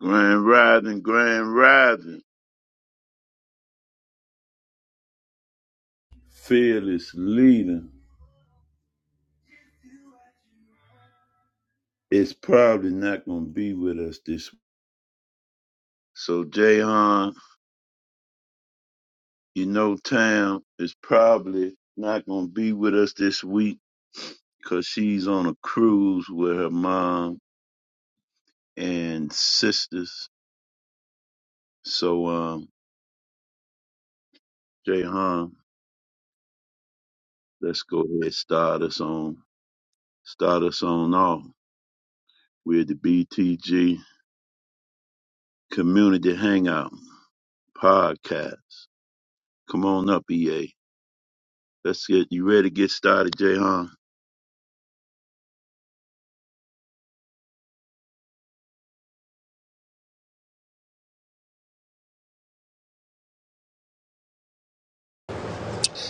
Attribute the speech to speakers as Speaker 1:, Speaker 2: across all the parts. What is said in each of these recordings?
Speaker 1: Grand Rising, Grand Rising. Fearless leader is probably not going to be with us this week. So, Jahan, you know, Tam is probably not going to be with us this week because she's on a cruise with her mom and sisters. So, um, Jahan, let's go ahead and start us on, start us on off. with the BTG Community Hangout Podcast. Come on up, EA. Let's get you ready to get started, Jay, huh?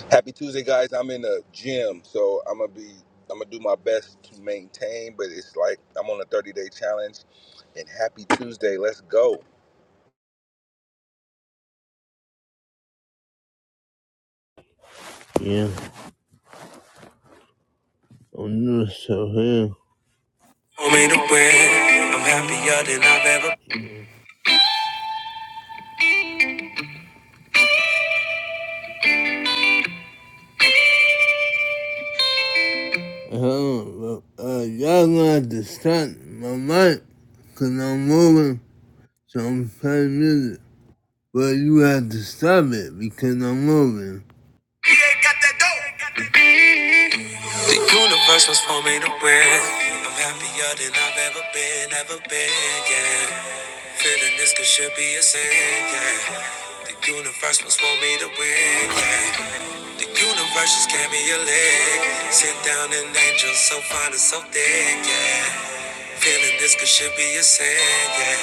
Speaker 2: Happy Tuesday, guys. I'm in a gym, so I'm gonna be I'm gonna do my best to maintain, but it's like I'm on a 30 day challenge. And happy Tuesday. Let's go.
Speaker 3: Yeah, I'm just so here. Want me to win. I'm happier than I've ever Hello, uh, y'all gonna have to stop my mic, cause I'm moving, so I'm playing music. But you have to stop it because I'm moving. Yeah, got that dope. The universe was for me to win. I'm happier than I've ever been, ever been, yeah. Feeling this could should be a sin, yeah. The universe was for me to win. yeah. The universe just gave me a leg. Sit down an angel so fine and so thick. yeah. Feeling this could should be a sin, yeah.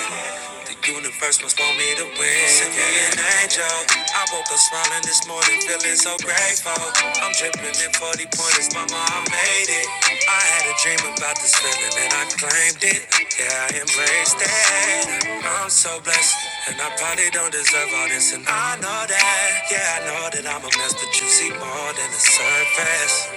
Speaker 3: The universe must want me to win. Send me an angel. I woke up smiling this morning, feeling so grateful. I'm dripping in 40 pointers, mama, I made it. I had a dream about this feeling and I claimed it. Yeah, I embraced it. I'm so blessed, and I probably don't deserve all this. And I know that, yeah, I know that I'm a mess, but you see more than the surface.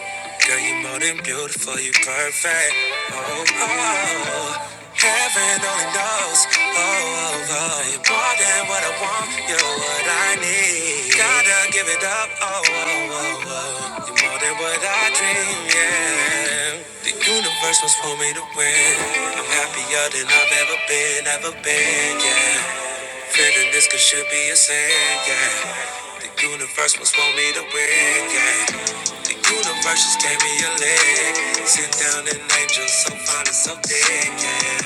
Speaker 3: Girl, you more than beautiful, you perfect. Oh, oh, oh. heaven only knows. Oh, oh, oh, you're more than what I want, you're what I need. Gotta give it up. Oh, oh, oh, oh, you're more than what I dream, yeah. The universe was for me to win. I'm happier than I've ever been, ever been, yeah. Feeling this could should be a sin, yeah. The universe must want me to win, yeah. The universe just gave me a leg. Sit down and angel so fine and so thick, yeah.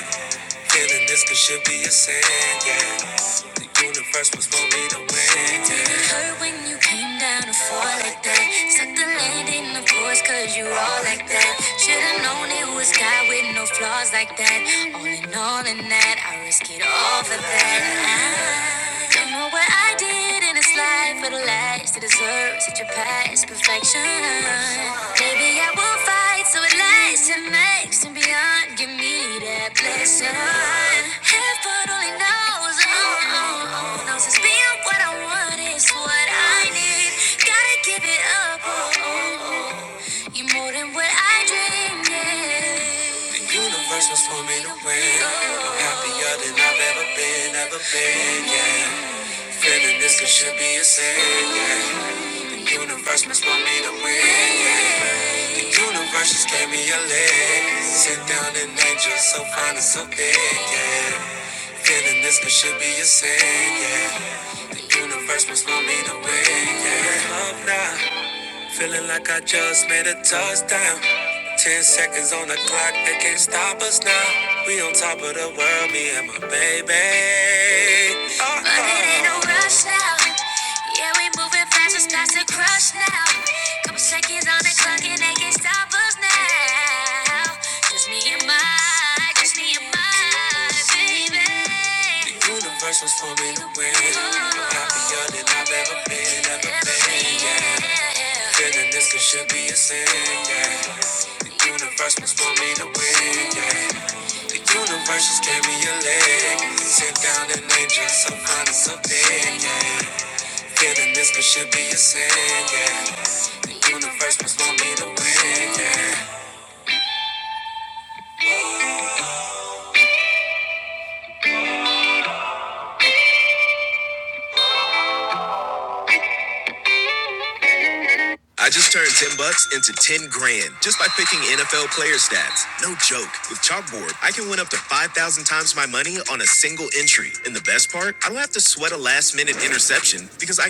Speaker 3: Feeling this could should be a sin, yeah. The universe was for me to win, yeah. it hurt when you came down to fall like that? Suck the landing, of course, cause you all like that. Should've known it was God with no flaws like that. All in all, in that, I risk it all for that. I don't know what I did in this life for the last to deserve such a past perfection. Maybe I will fight so it lasts and makes and beyond. Give me that blessing. Heaven only knows, oh, oh, oh, knows it's being what I want is what I need. Gotta give it up, oh, oh, oh. You're more than what I dreamed. yeah. The universe was for me to win. I'm happier than I've ever been, ever been, yeah. Feeling this could should be a sin. Yeah. The universe must want me to win. Yeah. The universe just gave me a leg. Sit down and angel so fine and so big. Yeah. Feeling this could should be a sin. Yeah. The universe must want me to win. Yeah. Love now. Feeling like I just made a touchdown. Ten seconds on the clock, they can't stop us now. We on top of the world, me and my baby. Oh, but it ain't no rush now. Yeah, we moving fast, it's past the crush now. Couple seconds on the clock, and they can't stop us now. Just me and my Kiss me goodbye, baby. The universe was for me to win. I'm happier than I've ever been, ever been, yeah. Feeling this could should be a sin, yeah. The universe was for me to win, yeah. The universe just gave me a leg. Sit down and angel, so fine and so big, yeah. Feeling this could should be a sin, yeah. The universe was for me to win, yeah. I just turned 10 bucks into 10 grand just by picking NFL player stats. No joke. With Chalkboard, I create in the engine because I can.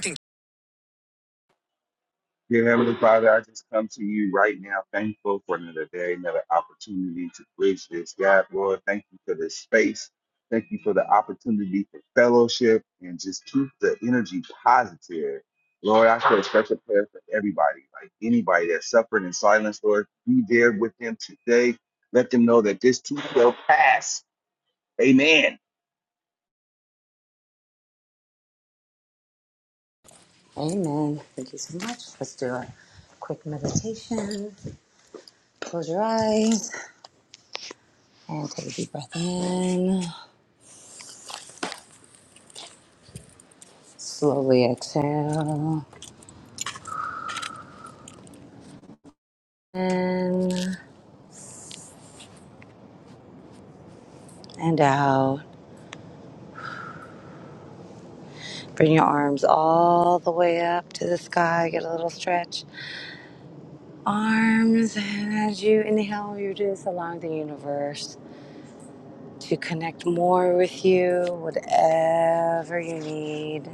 Speaker 2: Dear Heavenly Father, I just come to you right now, thankful for another day, another opportunity to bridge this gap. Lord, thank you for this space. Thank you for the opportunity for fellowship and just keep the energy positive. Lord, I feel a special prayer for everybody, like anybody that's suffering in silence, Lord, be there with them today. Let them know that this too shall pass. Amen.
Speaker 4: Amen. Thank you so much. Let's do a quick meditation. Close your eyes and take a deep breath in. Slowly exhale in and out. Bring your arms all the way up to the sky. Get a little stretch. Arms. And as you inhale, you're just allowing the universe. to connect more with you, whatever you need.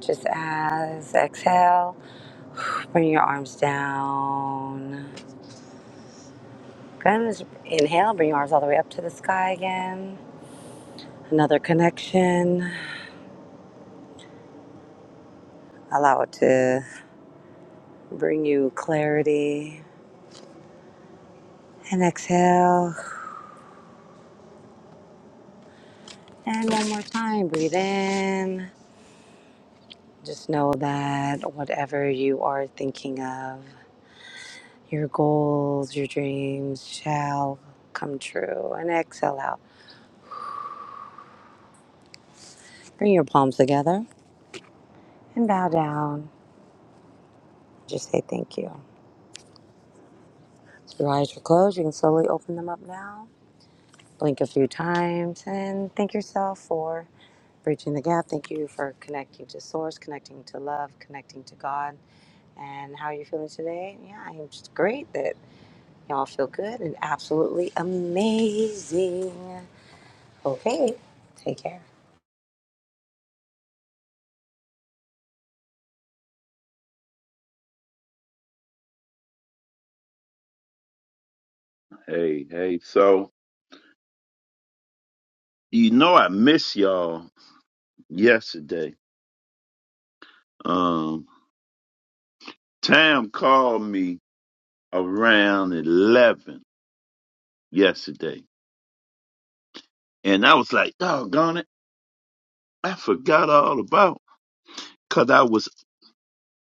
Speaker 4: Just as exhale, bring your arms down. Good. Just inhale, bring your arms all the way up to the sky again. Another connection. Allow it to bring you clarity. And exhale. And one more time, breathe in. Just know that whatever you are thinking of, Your goals, your dreams shall come true. And exhale out. Bring your palms together and bow down. Just say thank you. So your eyes are closed. You can slowly open them up now. Blink a few times and thank yourself for bridging the gap. Thank you for connecting to source, connecting to love, connecting to God. And how are you feeling today? Yeah, I'm just great that y'all feel good and absolutely amazing. Okay, take care.
Speaker 1: Hey, hey. So you know I miss y'all yesterday. Um Tam called me around eleven yesterday. And I was like, doggone it. I forgot all about cause I was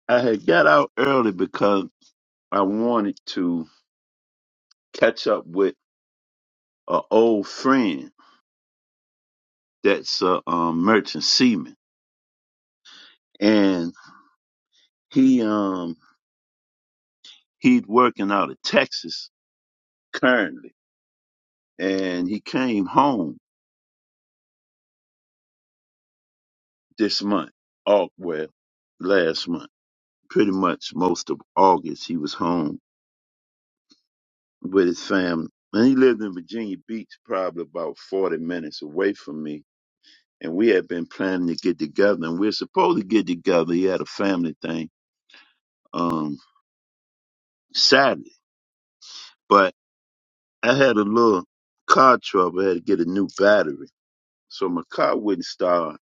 Speaker 1: I had got out early because I wanted to catch up with a old friend that's a um, merchant seaman. And he um he's working out of Texas currently and he came home this month. Oh, well, last month. Pretty much most of August, he was home with his family. And he lived in Virginia Beach, probably about 40 minutes away from me. And we had been planning to get together, and we were supposed to get together. He had a family thing um, Saturday. But I had a little car trouble. I had to get a new battery. So my car wouldn't start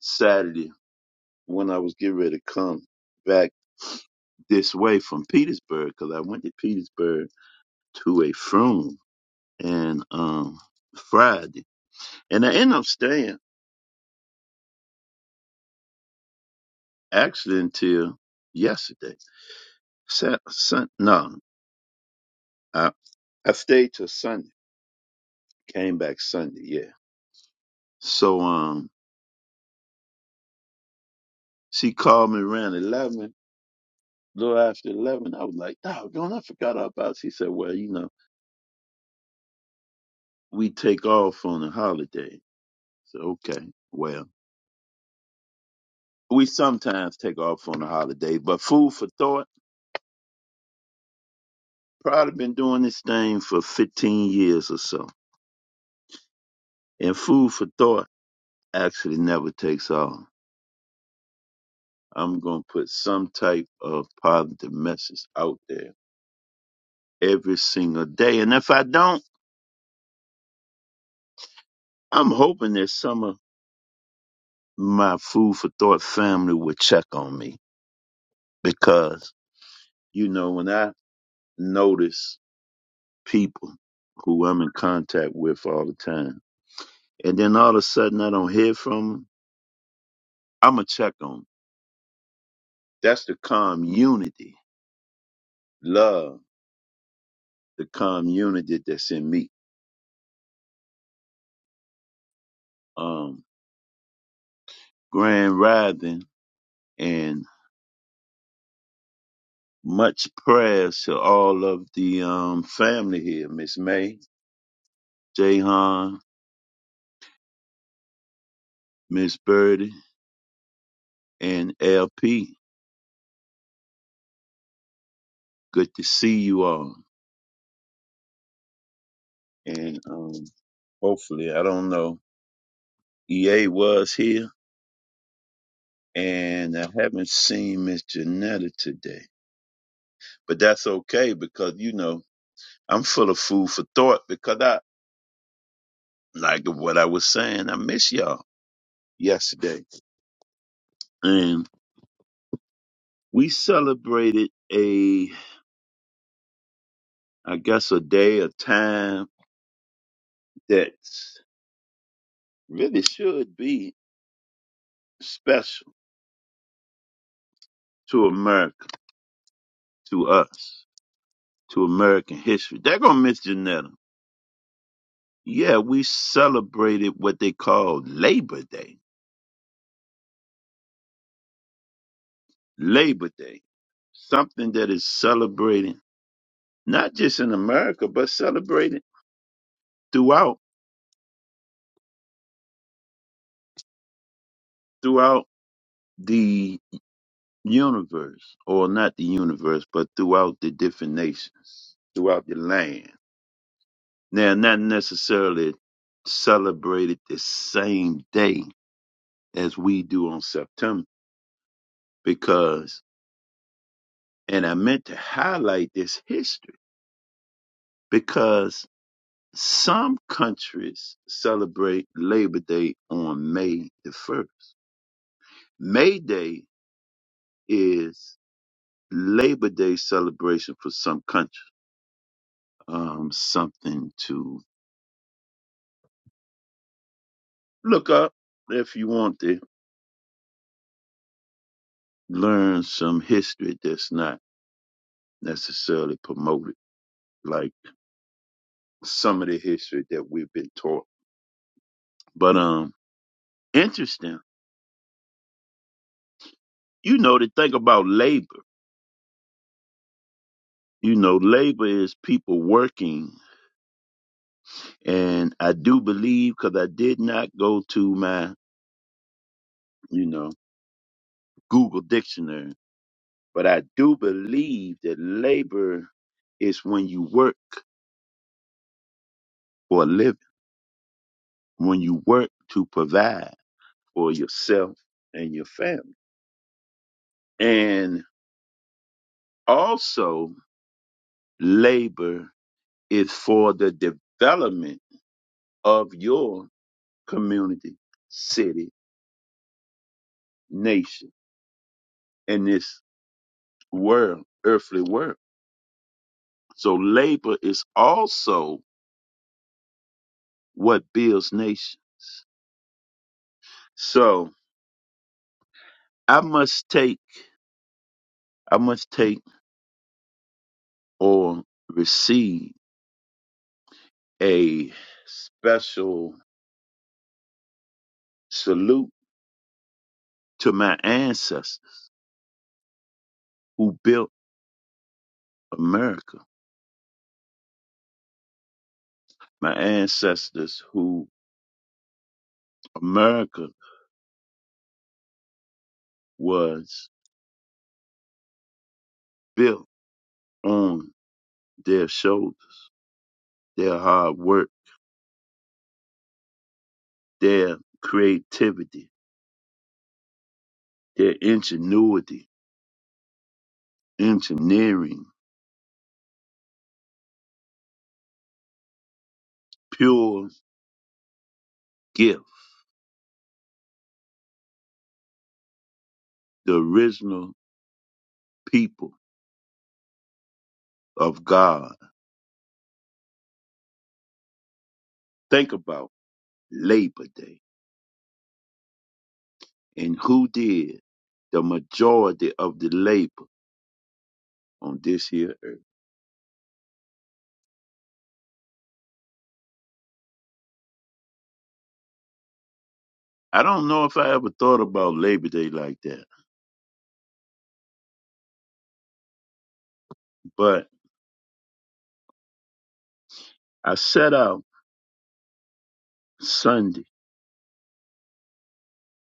Speaker 1: Saturday when I was getting ready to come back this way from Petersburg, because I went to Petersburg to a funeral and um Friday, and I ended up staying actually until yesterday. Sat, sun, no, I I stayed till Sunday. Came back Sunday, yeah. So um, she called me around eleven, little after eleven. I was like, "Oh, don't I forgot all about?" She said, "Well, you know, we take off on a holiday." So okay, well. we sometimes take off on the holiday, but food for thought. Probably been doing this thing for 15 years or so, and food for thought actually never takes off. I'm gonna put some type of positive message out there every single day, and if I don't, I'm hoping that some of my food for thought family will check on me because you know when I notice people who I'm in contact with all the time, and then all of a sudden I don't hear from 'em, I'ma check on. That's the community. Love the community that's in me. Um, grand rising and much prayers to all of the um family here, Miss May, Jahan, Miss Birdie, and LP. Good to see you all. And um hopefully I don't know. EA was here and I haven't seen Miss Janetta today. But that's okay because you know I'm full of food for thought because I like what I was saying. I miss y'all yesterday, and we celebrated a, I guess, a day, a time that really should be special to America, to us, to American history. They're gonna miss Janetta. Yeah, we celebrated what they call Labor Day. Labor Day, something that is celebrated not just in America, but celebrated throughout throughout the universe, or not the universe, but throughout the different nations, throughout the land. Now, not necessarily celebrated the same day as we do on September, because, and I meant to highlight this history, because some countries celebrate Labor Day on May the 1st. May Day is Labor Day celebration for some countries um, something to Look up if you want to learn some history that's not necessarily promoted, like some of the history that we've been taught. But um, interesting. You know to think about labor. You know, labor is people working, and I do believe because I did not go to my, you know, Google dictionary, but I do believe that labor is when you work for a living, when you work to provide. for yourself and your family. And also, labor is for the development of your community, city, nation, and this world, earthly world. So, labor is also what builds nation. So, I must take, I must take or receive a special salute to my ancestors who built America my ancestors who America was built on their shoulders, their hard work, their creativity, their ingenuity, engineering, pure gift, the original people of God. Think about Labor Day and who did the majority of the labor on this here earth. I don't know if I ever thought about Labor Day like that, but I set out Sunday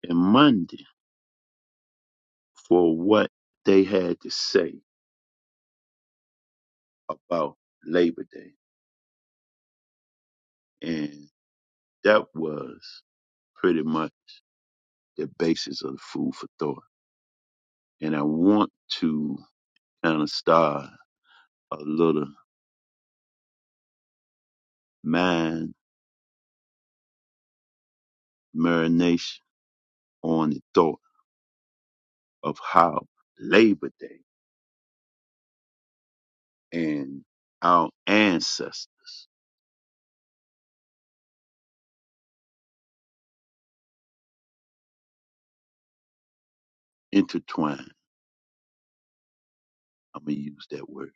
Speaker 1: and Monday for what they had to say about Labor Day. And that was pretty much the basis of food for thought. And I want to kind of start a little mind marination on the thought of how Labor Day and our ancestors intertwine. I'm going to use that word.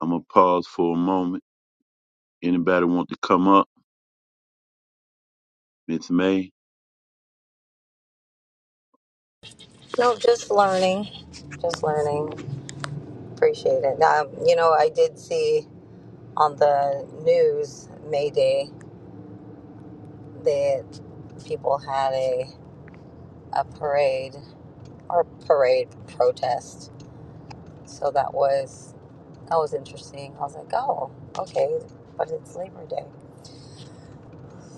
Speaker 1: I'm going to pause for a moment. Anybody want to come up? Miss May?
Speaker 4: No, just learning. Just learning. Appreciate it. Um, you know, I did see on the news May Day that people had a a parade or parade protest. So that was that was interesting. I was like, oh, okay, but it's Labor Day.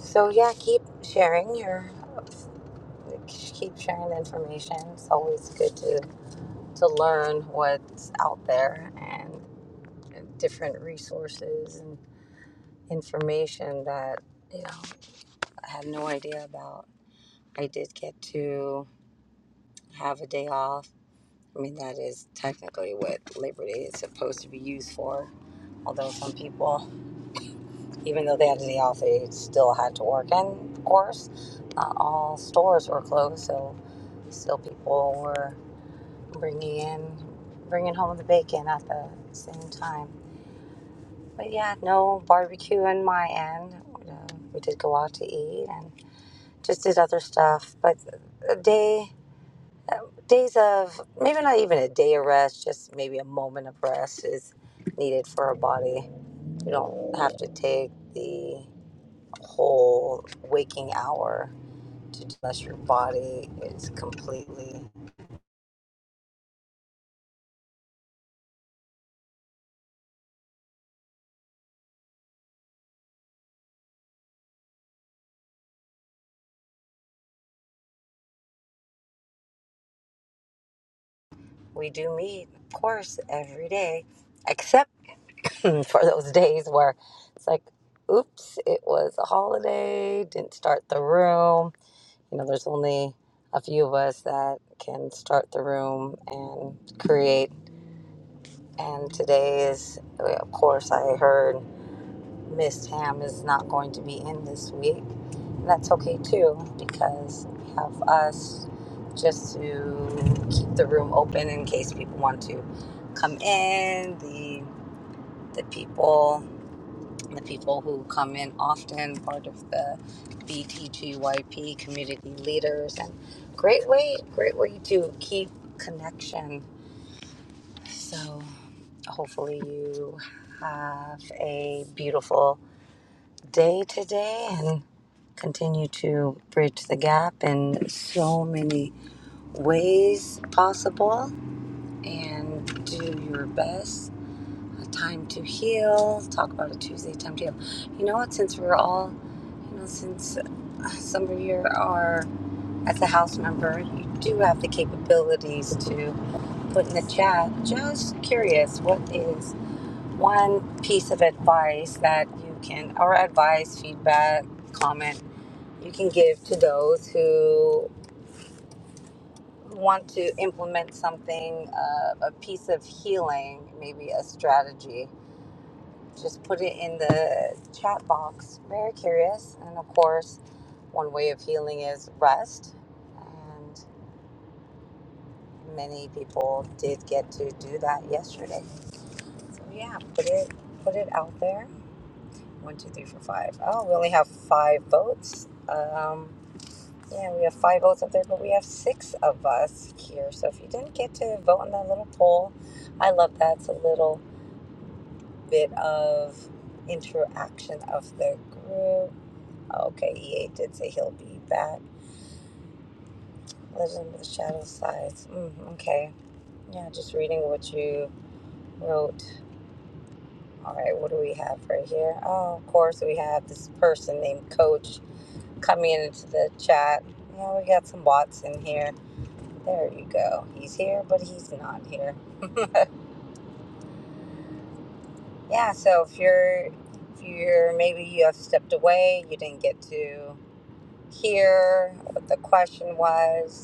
Speaker 4: So yeah, keep sharing your keep sharing the information. It's always good to to learn what's out there and different resources and. information that you know I had no idea about. I did get to have a day off. I mean, that is technically what Labor Day is supposed to be used for. Although some people, even though they had a day off, they still had to work. And of course, not all stores were closed, so still people were bringing in, bringing home the bacon at the same time. But yeah, no barbecue on my end. Uh, We did go out to eat and just did other stuff. But a day, days of maybe not even a day of rest, just maybe a moment of rest is needed for our body. You don't have to take the whole waking hour to unless your body is completely. We do meet, of course, every day, except for those days where it's like, oops, it was a holiday, didn't start the room You know, there's only a few of us that can start the room and create. And today is, of course, I heard Miss Tam is not going to be in this week. And that's okay too, because we have us just to keep the room open in case people want to come in. The the people the people who come in often, part of the BTGYP community leaders, and great way, great way to keep connection. So hopefully you have a beautiful day today and continue to bridge the gap in so many ways possible and do your best time to heal talk about a tuesday time to heal you know what since we're all you know since uh, some of you are as a house member you do have the capabilities to put in the chat just curious what is one piece of advice that you can or advice feedback comment you can give to those who want to implement something uh, a piece of healing maybe a strategy just put it in the chat box. Very curious. And of course, one way of healing is rest. And many people did get to do that yesterday. So yeah, put it put it out there. One, two, three, four, five. Oh, we only have five votes. Um, yeah, we have five votes up there, but we have six of us here. So if you didn't get to vote on that little poll, I love that. It's a little bit of interaction of the group Okay, EA did say he'll be back. Legend of the Shadow Sides. Mm, okay. Yeah, just reading what you wrote. All right, what do we have right here? Oh, of course, we have this person named Coach coming into the chat. Yeah, we got some bots in here. There you go. He's here, but he's not here. Yeah, so if you're, if you're maybe you have stepped away, you didn't get to hear what the question was,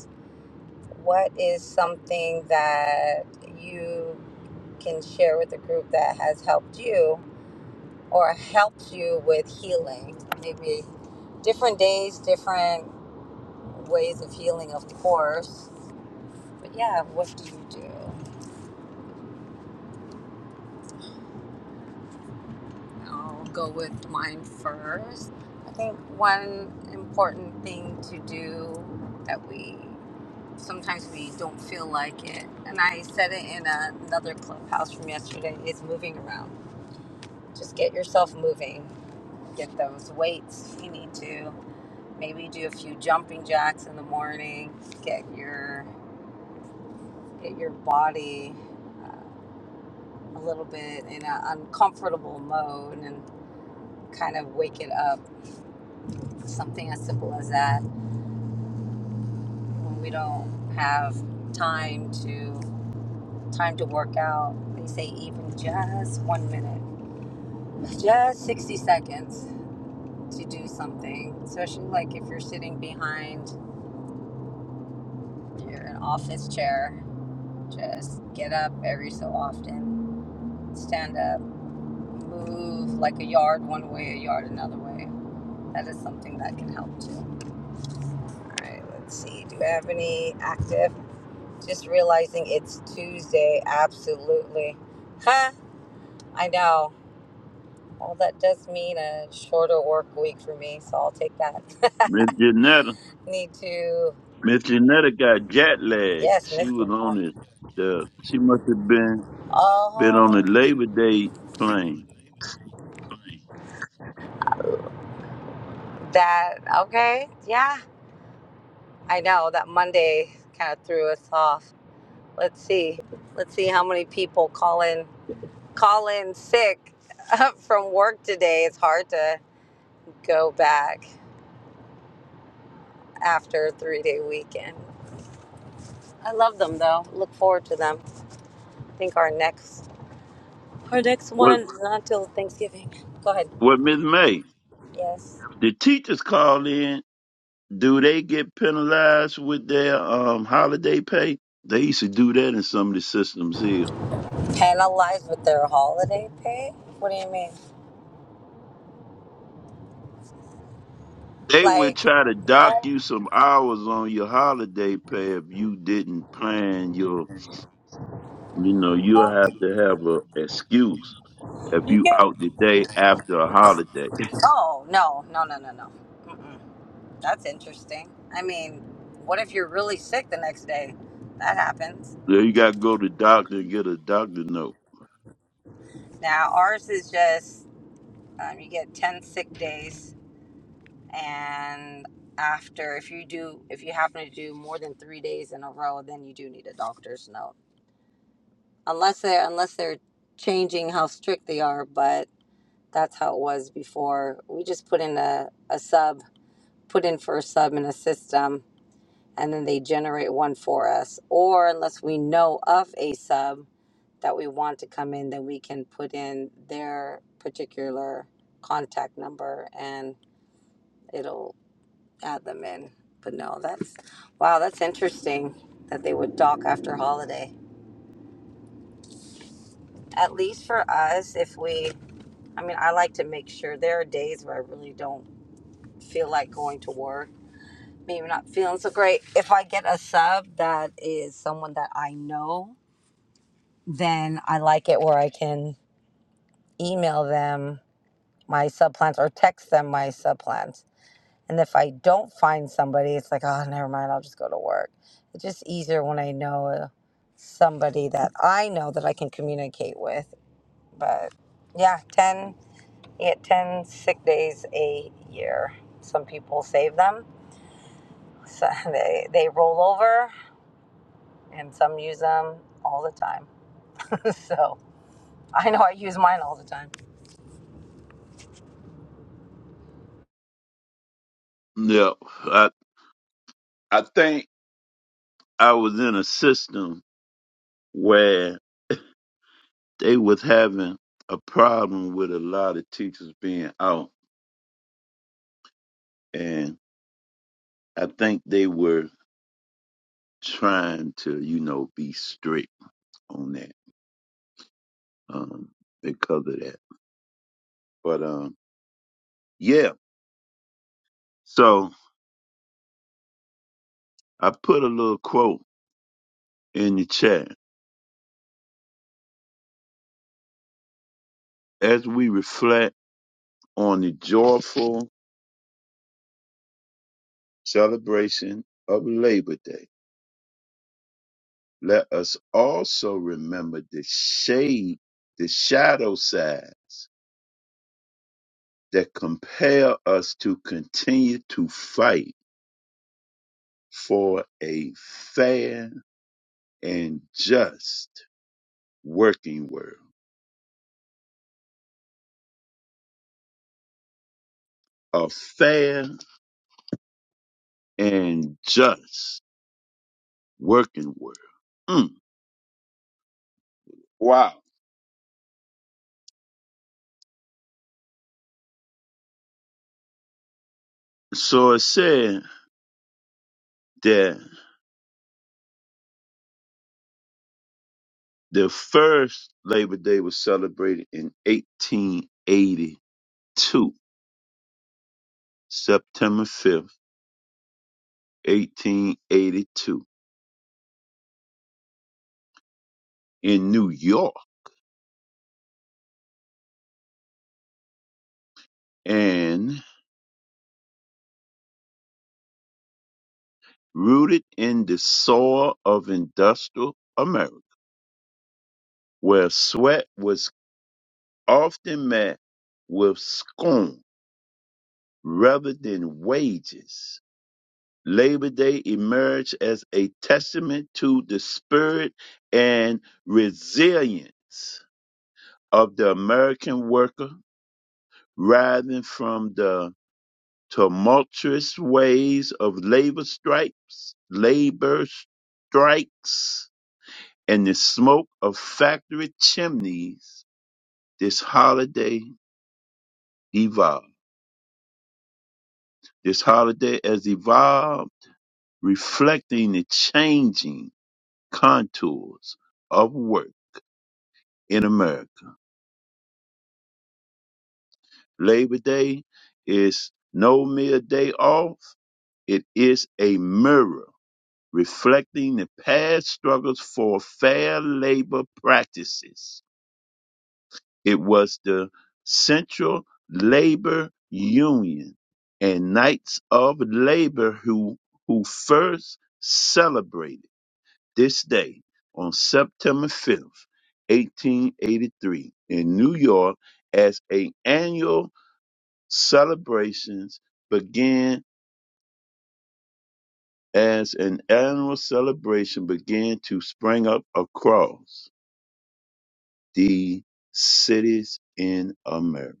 Speaker 4: What is something that you can share with the group that has helped you or helped you with healing? Maybe different days, different ways of healing, of course. But yeah, what do you do? I'll go with mine first. I think one important thing to do that we sometimes we don't feel like it, and I said it in another clubhouse from yesterday, is moving around just get yourself moving. Get those weights if you need to. Maybe do a few jumping jacks in the morning. Get your get your body uh, a little bit in an uncomfortable mode and kind of wake it up. Something as simple as that. When we don't have time to time to work out, they say even just one minute, just sixty seconds to do something. Especially like if you're sitting behind You're an office chair. Just get up every so often, stand up, move like a yard one way, a yard another way. That is something that can help too. All right, let's see. Do I have any active? Just realizing it's Tuesday. Absolutely. Huh? I know. Well, that does mean a shorter work week for me, so I'll take that.
Speaker 1: Miss Janetta?
Speaker 4: Need to.
Speaker 1: Miss Janetta got jet lag.
Speaker 4: Yes,
Speaker 1: She was
Speaker 4: Mr.
Speaker 1: on the, the she must have been been on
Speaker 4: Oh,
Speaker 1: the Labor Day plane.
Speaker 4: that. Okay. Yeah. I know that Monday kind of threw us off. Let's see. Let's see how many people call in call in sick from work today. It's hard to go back after a three day weekend. I love them though. Look forward to them. I think our next our next
Speaker 1: What
Speaker 4: one is not till Thanksgiving. Go ahead.
Speaker 1: what Miss May?
Speaker 4: Yes.
Speaker 1: The teachers call in. Do they get penalized with their um holiday pay? They used to do that in some of the systems here.
Speaker 4: Penalized with their holiday pay? What do you mean?
Speaker 1: They would
Speaker 4: Like
Speaker 1: try to dock
Speaker 4: no
Speaker 1: you some hours on your holiday pay if you didn't plan your you know, you'll
Speaker 4: no
Speaker 1: have to have a excuse if
Speaker 4: you
Speaker 1: you
Speaker 4: get
Speaker 1: out the day after a holiday.
Speaker 4: oh no no no no no. Mm-mm. That's interesting. I mean, what if you're really sick the next day? That happens.
Speaker 1: Yeah, you got to go to the doctor and get a doctor note.
Speaker 4: Now, ours is just um, you get 10 sick days, and after, if you do, if you happen to do more than three days in a row, then you do need a doctor's note. Unless they're, unless they're changing how strict they are, but that's how it was before. We just put in a, a sub, put in for a sub in a system, and then they generate one for us. Or unless we know of a sub that we want to come in, then we can put in their particular contact number and it'll add them in. But no, that's wow, that's interesting that they would dock after holiday. At least for us, if we, I mean, I like to make sure there are days where I really don't feel like going to work. Maybe not feeling so great. If I get a sub that is someone that I know, then I like it where I can email them my subplants or text them my subplants. And if I don't find somebody, it's like, oh, never mind, I'll just go to work. It's just easier when I know uh, somebody that I know that I can communicate with. But yeah, 10, you get 10 sick days a year. Some people save them, so they, they roll over, and some use them all the time. so I know I use mine all the time.
Speaker 1: Yeah, I I think I was in a system where they was having a problem with a lot of teachers being out, and I think they were trying to, you know, be strict on that um, because of that. But um, yeah, so I put a little quote in the chat as we reflect on the joyful celebration of Labor Day. Let us also remember the shade, the shadow side that compel us to continue to fight for a fair and just working world. A fair and just working world. Mm. Wow. So it said that the first Labor Day was celebrated in 1882, September 5th. 1882 in New York and rooted in the soil of industrial America, where sweat was often met with scorn rather than wages. Labor Day emerged as a testament to the spirit and resilience of the American worker, rising from the tumultuous waves of labor stripes, labor strikes, and the smoke of factory chimneys, this holiday evolved. This holiday has evolved, reflecting the changing contours of work in America. Labor Day is no mere day off, it is a mirror reflecting the past struggles for fair labor practices. It was the Central Labor Union and Knights of Labor who, who first celebrated this day on September 5th, 1883 in New York as a annual celebrations began as an annual celebration began to spring up across the cities in America.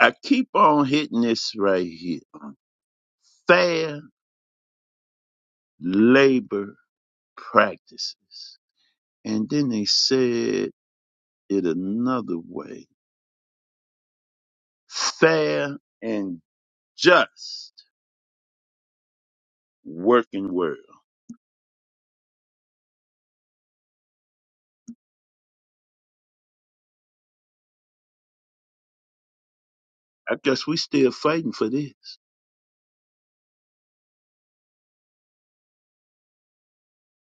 Speaker 1: I keep on hitting this right here. Fair labor practices. And then they said it another way. Fair and just working world. I guess we still fighting for this.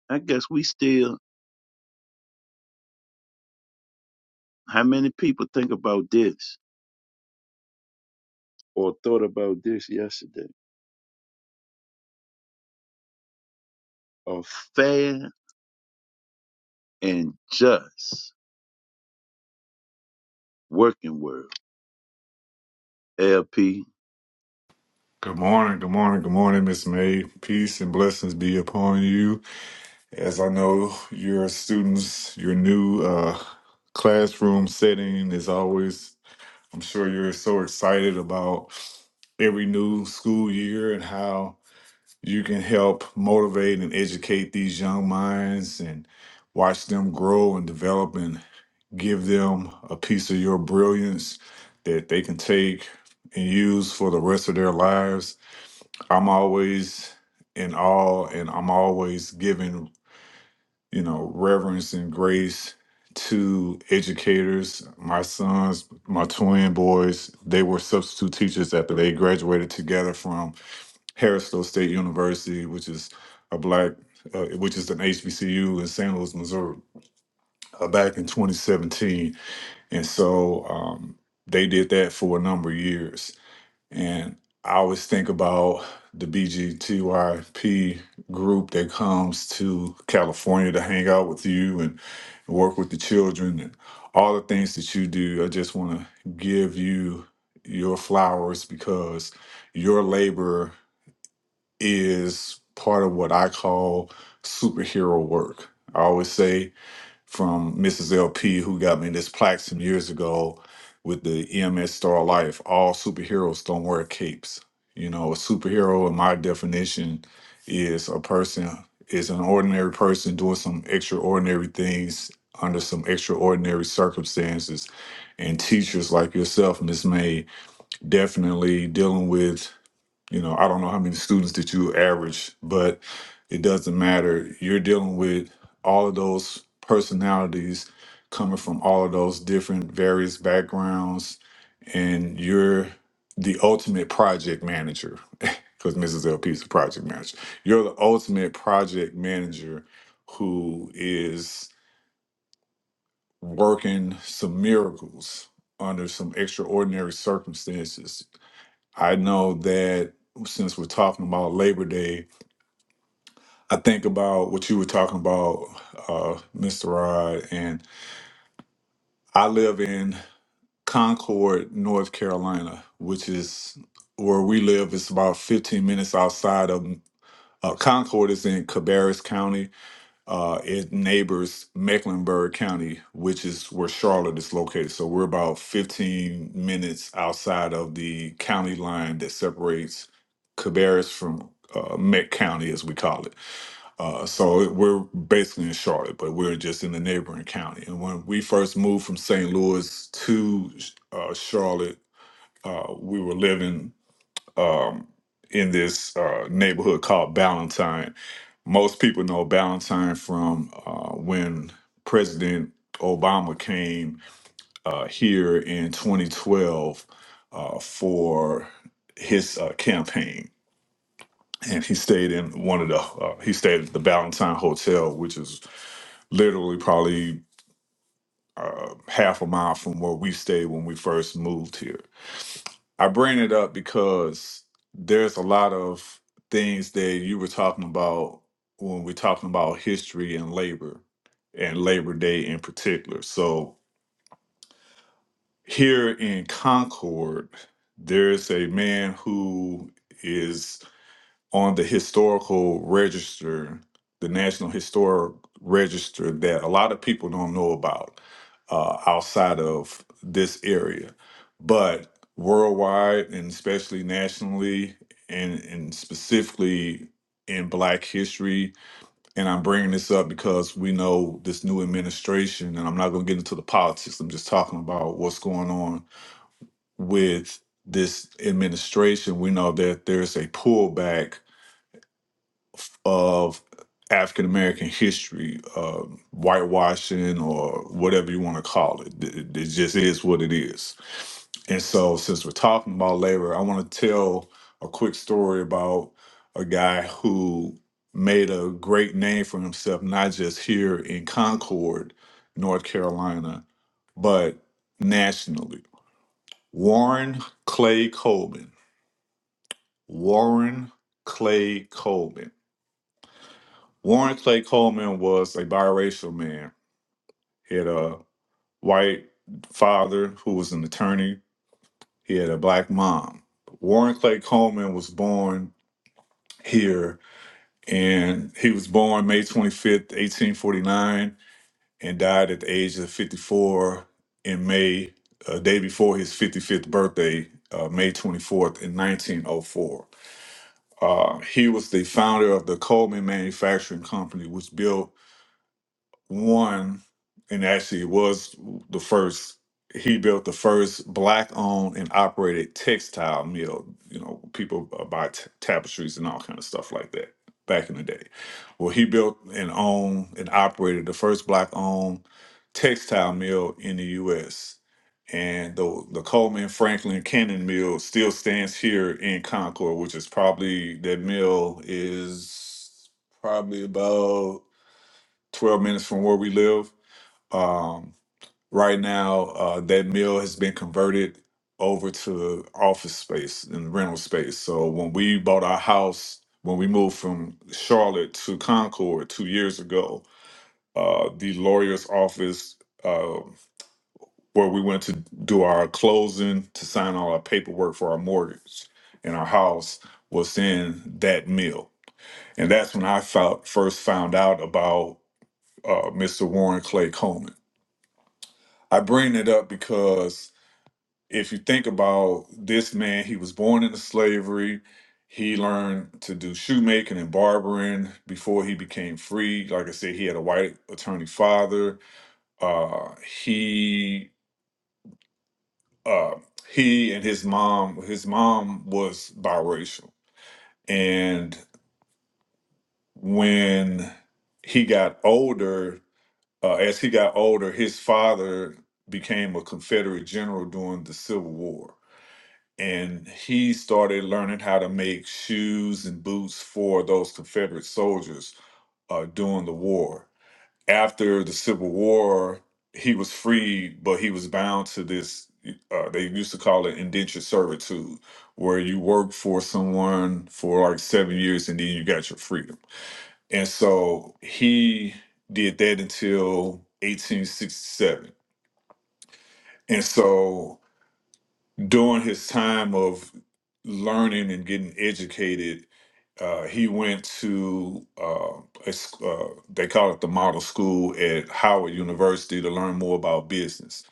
Speaker 1: I guess we still, how many people think about this or thought about this yesterday? A fair and just working world. LP
Speaker 5: Good morning, good morning, good morning, Miss May. Peace and blessings be upon you. As I know your students, your new uh, classroom setting is always, I'm sure you're so excited about every new school year and how you can help motivate and educate these young minds and watch them grow and develop and give them a piece of your brilliance that they can take and use for the rest of their lives I'm always in awe and I'm always giving, you know, reverence and grace to educators. My sons, my twin boys, they were substitute teachers after they graduated together from Harrisville State University, which is a black, uh, which is an HBCU in St. Louis, Missouri, uh, back in 2017. And so um, they did that for a number of years. And I always think about the BGTYP group that comes to California to hang out with you and work with the children and all the things that you do. I just want to give you your flowers because your labor is part of what I call superhero work. I always say from Mrs. LP, who got me this plaque some years ago with the EMS Star Life. All superheroes don't wear capes. You know, a superhero, in my definition, is a person, is an ordinary person doing some extraordinary things under some extraordinary circumstances. And teachers like yourself, Miss May, definitely dealing with you know, I don't know how many students that you average, but it doesn't matter. You're dealing with all of those personalities coming from all of those different various backgrounds, and you're the ultimate project manager because Mrs. LP is a project manager. You're the ultimate project manager who is working some miracles under some extraordinary circumstances. I know that since we're talking about Labor Day, I think about what you were talking about, uh, Mr. Rod, and I live in Concord, North Carolina, which is where we live. It's about 15 minutes outside of uh, Concord. Is in Cabarrus County. Uh, it neighbors Mecklenburg County, which is where Charlotte is located. So we're about 15 minutes outside of the county line that separates Cabarrus from uh, Meck County, as we call it. Uh, so it- we're basically in Charlotte, but we're just in the neighboring county. And when we first moved from St. Louis to uh, Charlotte, uh, we were living um, in this uh, neighborhood called Ballantyne. Most people know Ballantyne from uh, when President Obama came uh, here in 2012 uh, for his uh, campaign and he stayed in one of the uh, he stayed at the Ballantyne Hotel, which is literally probably uh, half a mile from where we stayed when we first moved here. I bring it up because there's a lot of things that you were talking about when we're talking about history and labor and Labor Day in particular. So here in Concord, there's a man who is on the historical register, the National Historic Register, that a lot of people don't know about uh, outside of this area. But worldwide and especially nationally, and, and specifically in Black history, and I'm bringing this up because we know this new administration, and I'm not going to get into the politics, I'm just talking about what's going on with this administration. We know that there's a pullback of African American history, uh, whitewashing, or whatever you want to call it. it. It just is what it is. And so, since we're talking about labor, I want to tell a quick story about a guy who made a great name for himself, not just here in Concord, North Carolina, but nationally. Warren Clay Coleman. Warren Clay Coleman. Warren Clay Coleman was a biracial man. He had a white father who was an attorney. He had a black mom. Warren Clay Coleman was born here, and he was born May 25th, 1849, and died at the age of 54 in May, a day before his 55th birthday, uh, May 24th, in 1904. Uh, he was the founder of the Coleman Manufacturing Company, which built one, and actually was the first. He built the first black-owned and operated textile mill. You know, people uh, buy t- tapestries and all kind of stuff like that back in the day. Well, he built and owned and operated the first black-owned textile mill in the U.S. And the, the Coleman Franklin Cannon Mill still stands here in Concord, which is probably that mill is probably about 12 minutes from where we live. Um, right now, uh, that mill has been converted over to office space and rental space. So when we bought our house, when we moved from Charlotte to Concord two years ago, uh, the lawyer's office uh, where we went to do our closing to sign all our paperwork for our mortgage and our house was in that mill. And that's when I felt, first found out about uh, Mr. Warren Clay Coleman I bring it up because if you think about this man, he was born into slavery. He learned to do shoemaking and barbering before he became free. Like I said, he had a white attorney father. Uh, he uh, he and his mom, his mom was biracial, and when he got older, uh, as he got older, his father became a Confederate general during the Civil War and he started learning how to make shoes and boots for those Confederate soldiers uh, during the war. After the Civil War, he was freed, but he was bound to this. Uh, they used to call it indentured servitude, where you work for someone for like seven years and then you got your freedom. And so he did that until 1867. And so during his time of learning and getting educated, uh, he went to uh, a s- uh, they call it the model school at Howard University to learn more about business.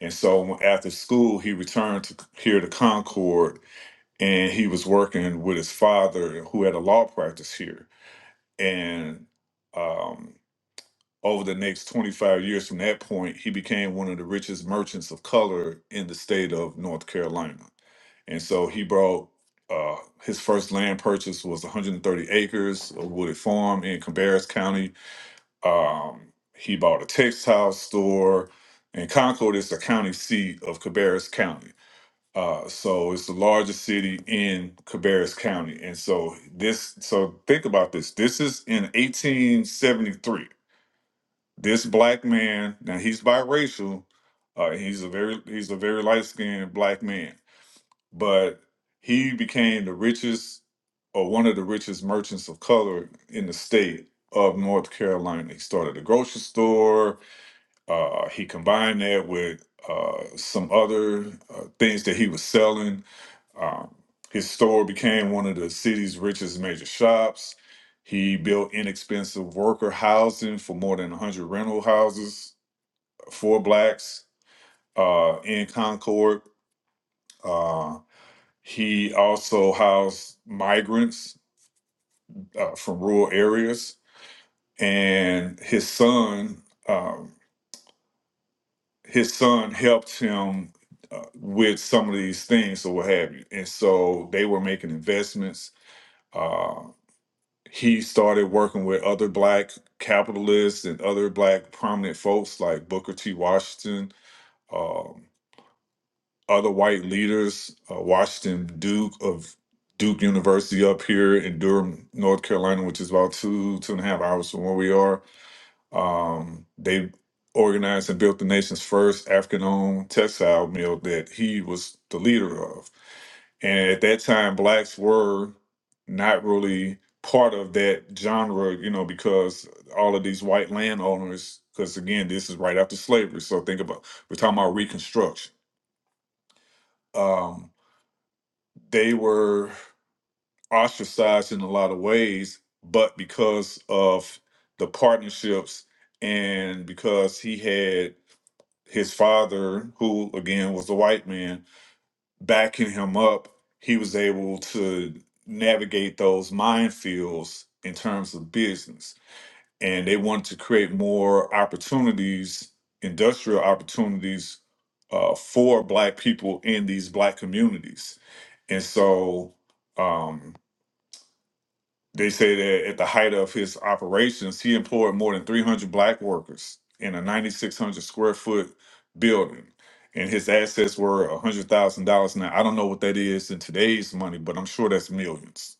Speaker 5: And so after school, he returned to here to Concord, and he was working with his father, who had a law practice here. And um, over the next 25 years from that point, he became one of the richest merchants of color in the state of North Carolina. And so he brought uh, his first land purchase was 130 acres of wooded farm in Cabarrus County. Um, he bought a textile store, and Concord is the county seat of Cabarrus County. Uh, so it's the largest city in Cabarrus County. And so this, so think about this. This is in 1873. This black man, now he's biracial. Uh, he's a very he's a very light skinned black man, but he became the richest or one of the richest merchants of color in the state of North Carolina. He started a grocery store. Uh, he combined that with uh, some other uh, things that he was selling. Um, his store became one of the city's richest major shops. He built inexpensive worker housing for more than 100 rental houses for blacks uh, in Concord. Uh, he also housed migrants uh, from rural areas, and his son, um, his son helped him uh, with some of these things or what have you. And so they were making investments. Uh, he started working with other black capitalists and other black prominent folks like Booker T. Washington. um, other white leaders, uh, Washington Duke of Duke University up here in Durham, North Carolina, which is about two two and a half hours from where we are. Um, they organized and built the nation's first African-owned textile mill that he was the leader of. And at that time, blacks were not really part of that genre, you know, because all of these white landowners, because again, this is right after slavery. So think about we're talking about Reconstruction Um, they were ostracized in a lot of ways, but because of the partnerships and because he had his father, who again was a white man, backing him up, he was able to navigate those minefields in terms of business. And they wanted to create more opportunities, industrial opportunities uh, for black people in these black communities. And so um, They say that at the height of his operations, he employed more than 300 black workers in a 9,600 square foot building. And his assets were $100,000. Now, I don't know what that is in today's money, but I'm sure that's millions.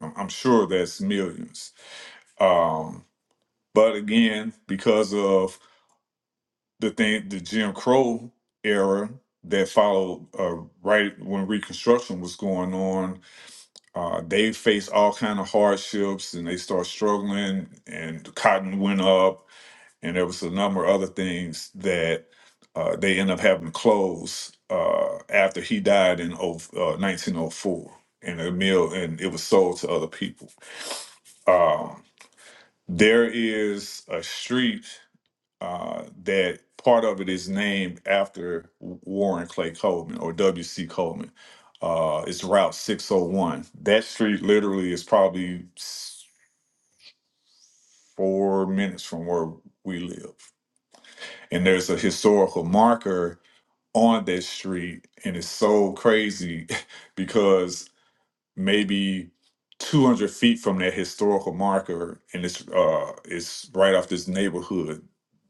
Speaker 5: I'm I'm sure that's millions. Um, but again, because of the thing, the Jim Crow era that followed uh, right when Reconstruction was going on, Uh, they faced all kind of hardships and they start struggling and the cotton went up and there was a number of other things that uh, they end up having to close uh, after he died in oh- uh, 1904 and the mill and it was sold to other people. Um, there is a street uh, that part of it is named after Warren Clay Coleman or W.C. Coleman. Uh, it's Route 601. That street literally is probably s- four minutes from where we live. And there's a historical marker on that street. And it's so crazy because maybe 200 feet from that historical marker and it's uh it's right off this neighborhood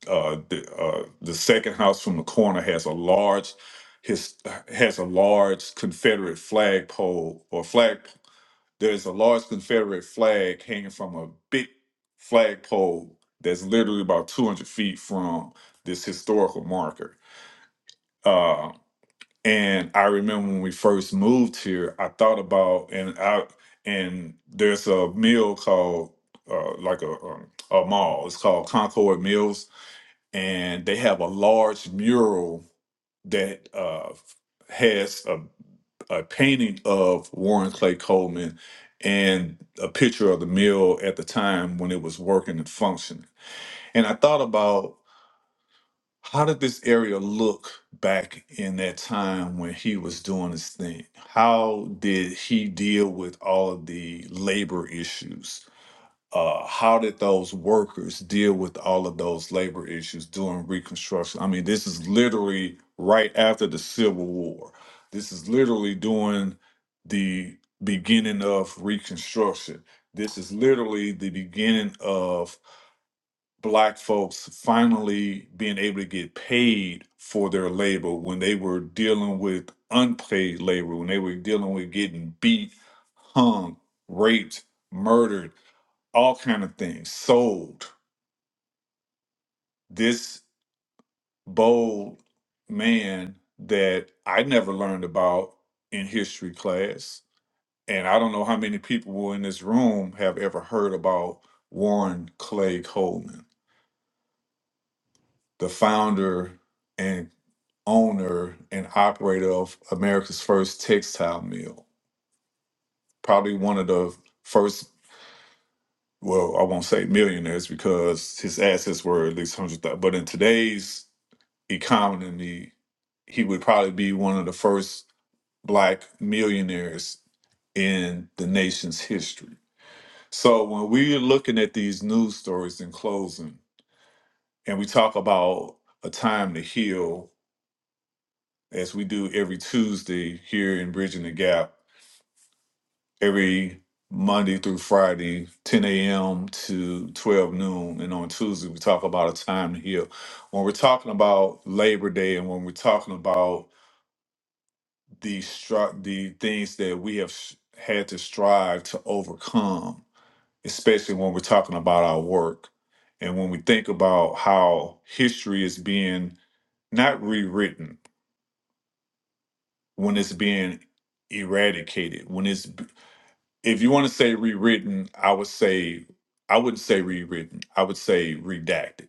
Speaker 5: uh the uh the second house from the corner has a large his has a large confederate flagpole or flag there's a large confederate flag hanging from a big flagpole that's literally about 200 feet from this historical marker Uh, and I remember when we first moved here, I thought about and I and there's a mill called uh, like a um, a mall. It's called Concord Mills, and they have a large mural that uh, has a, a painting of Warren Clay Coleman and a picture of the mill at the time when it was working and functioning. And I thought about how did this area look back in that time when he was doing his thing? How did he deal with all of the labor issues? Uh, how did those workers deal with all of those labor issues during Reconstruction? I mean, this is literally right after the Civil War. This is literally during the beginning of Reconstruction. This is literally the beginning of black folks finally being able to get paid for their labor when they were dealing with unpaid labor, when they were dealing with getting beat, hung, raped, murdered, all kind of things, sold. This bold man that I never learned about in history class, and I don't know how many people in this room have ever heard about Warren Clay Coleman the founder and owner and operator of America's first textile mill. Probably one of the first, well, I won't say millionaires because his assets were at least 100,000. But in today's economy, he would probably be one of the first black millionaires in the nation's history. So when we're looking at these news stories in closing, and we talk about a time to heal as we do every Tuesday here in Bridging the Gap, every Monday through Friday, 10 a.m. to 12 noon. And on Tuesday, we talk about a time to heal. When we're talking about Labor Day and when we're talking about the, stri- the things that we have s- had to strive to overcome, especially when we're talking about our work and when we think about how history is being not rewritten, when it's being eradicated when it's If you want to say rewritten, I would say I wouldn't say rewritten. I would say redacted.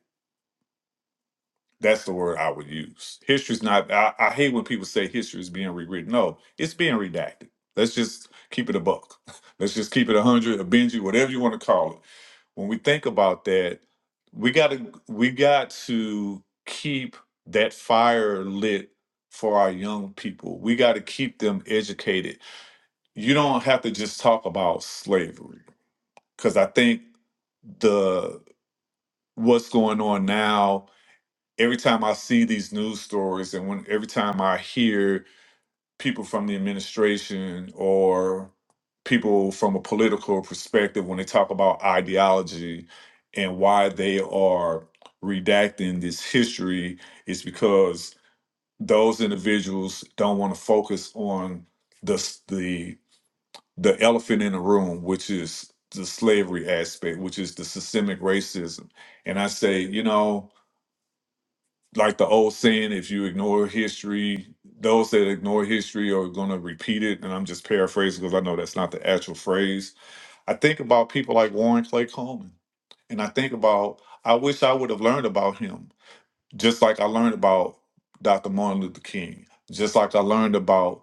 Speaker 5: That's the word I would use. History's not. I, I hate when people say history is being rewritten. No, it's being redacted. Let's just keep it a buck. Let's just keep it a hundred, a Benji, whatever you want to call it. When we think about that, we got to we got to keep that fire lit for our young people. We got to keep them educated. You don't have to just talk about slavery because I think the what's going on now every time i see these news stories and when every time i hear people from the administration or people from a political perspective when they talk about ideology and why they are redacting this history is because those individuals don't want to focus on the s- the the elephant in the room, which is the slavery aspect, which is the systemic racism. And I say, you know, like the old saying, if you ignore history, those that ignore history are going to repeat it. And I'm just paraphrasing because I know that's not the actual phrase. I think about people like Warren Clay Coleman. And I think about, I wish I would have learned about him just like I learned about Dr. Martin Luther King, just like I learned about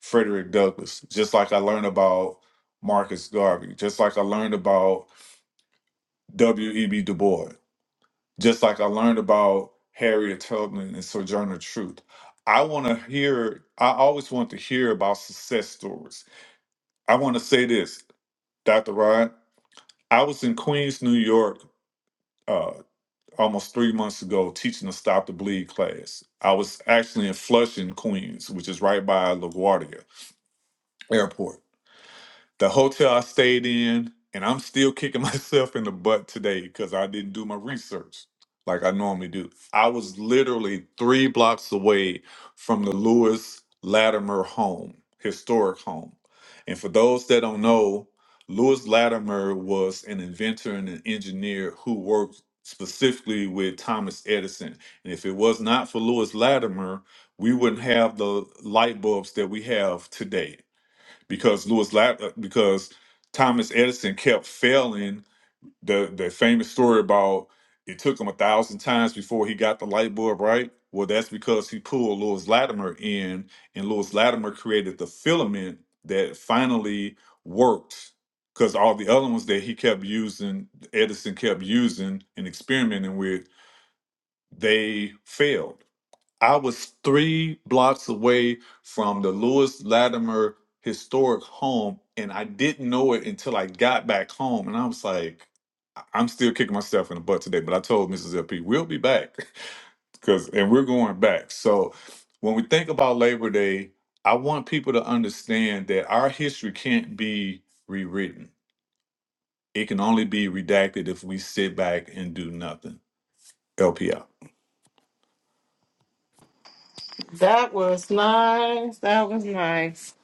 Speaker 5: Frederick Douglass, just like I learned about Marcus Garvey, just like I learned about W.E.B. Du Bois, just like I learned about Harriet Tubman and Sojourner Truth. I want to hear, I always want to hear about success stories. I want to say this, Dr. Rod. I was in Queens, New York uh, almost three months ago teaching a Stop the Bleed class. I was actually in Flushing, Queens, which is right by LaGuardia Airport the hotel I stayed in, and I'm still kicking myself in the butt today because I didn't do my research like I normally do. I was literally three blocks away from the Lewis Latimer home, historic home. And for those that don't know, Lewis Latimer was an inventor and an engineer who worked specifically with Thomas Edison. And if it was not for Lewis Latimer, we wouldn't have the light bulbs that we have today because Louis Lab uh, because Thomas Edison kept failing. The the famous story about it took him a thousand times before he got the light bulb right. Well, that's because he pulled Louis Latimer in, and Louis Latimer created the filament that finally worked. Because all the other ones that he kept using, Edison kept using and experimenting with, they failed I was three blocks away from the Lewis Latimer historic home, and I didn't know it until I got back home. And I was like, I- I'm still kicking myself in the butt today, but I told Mrs. LP, we'll be back. Cause and we're going back. So when we think about Labor Day, I want people to understand that our history can't be rewritten. It can only be redacted if we sit back and do nothing. LP
Speaker 6: That was nice. That was nice.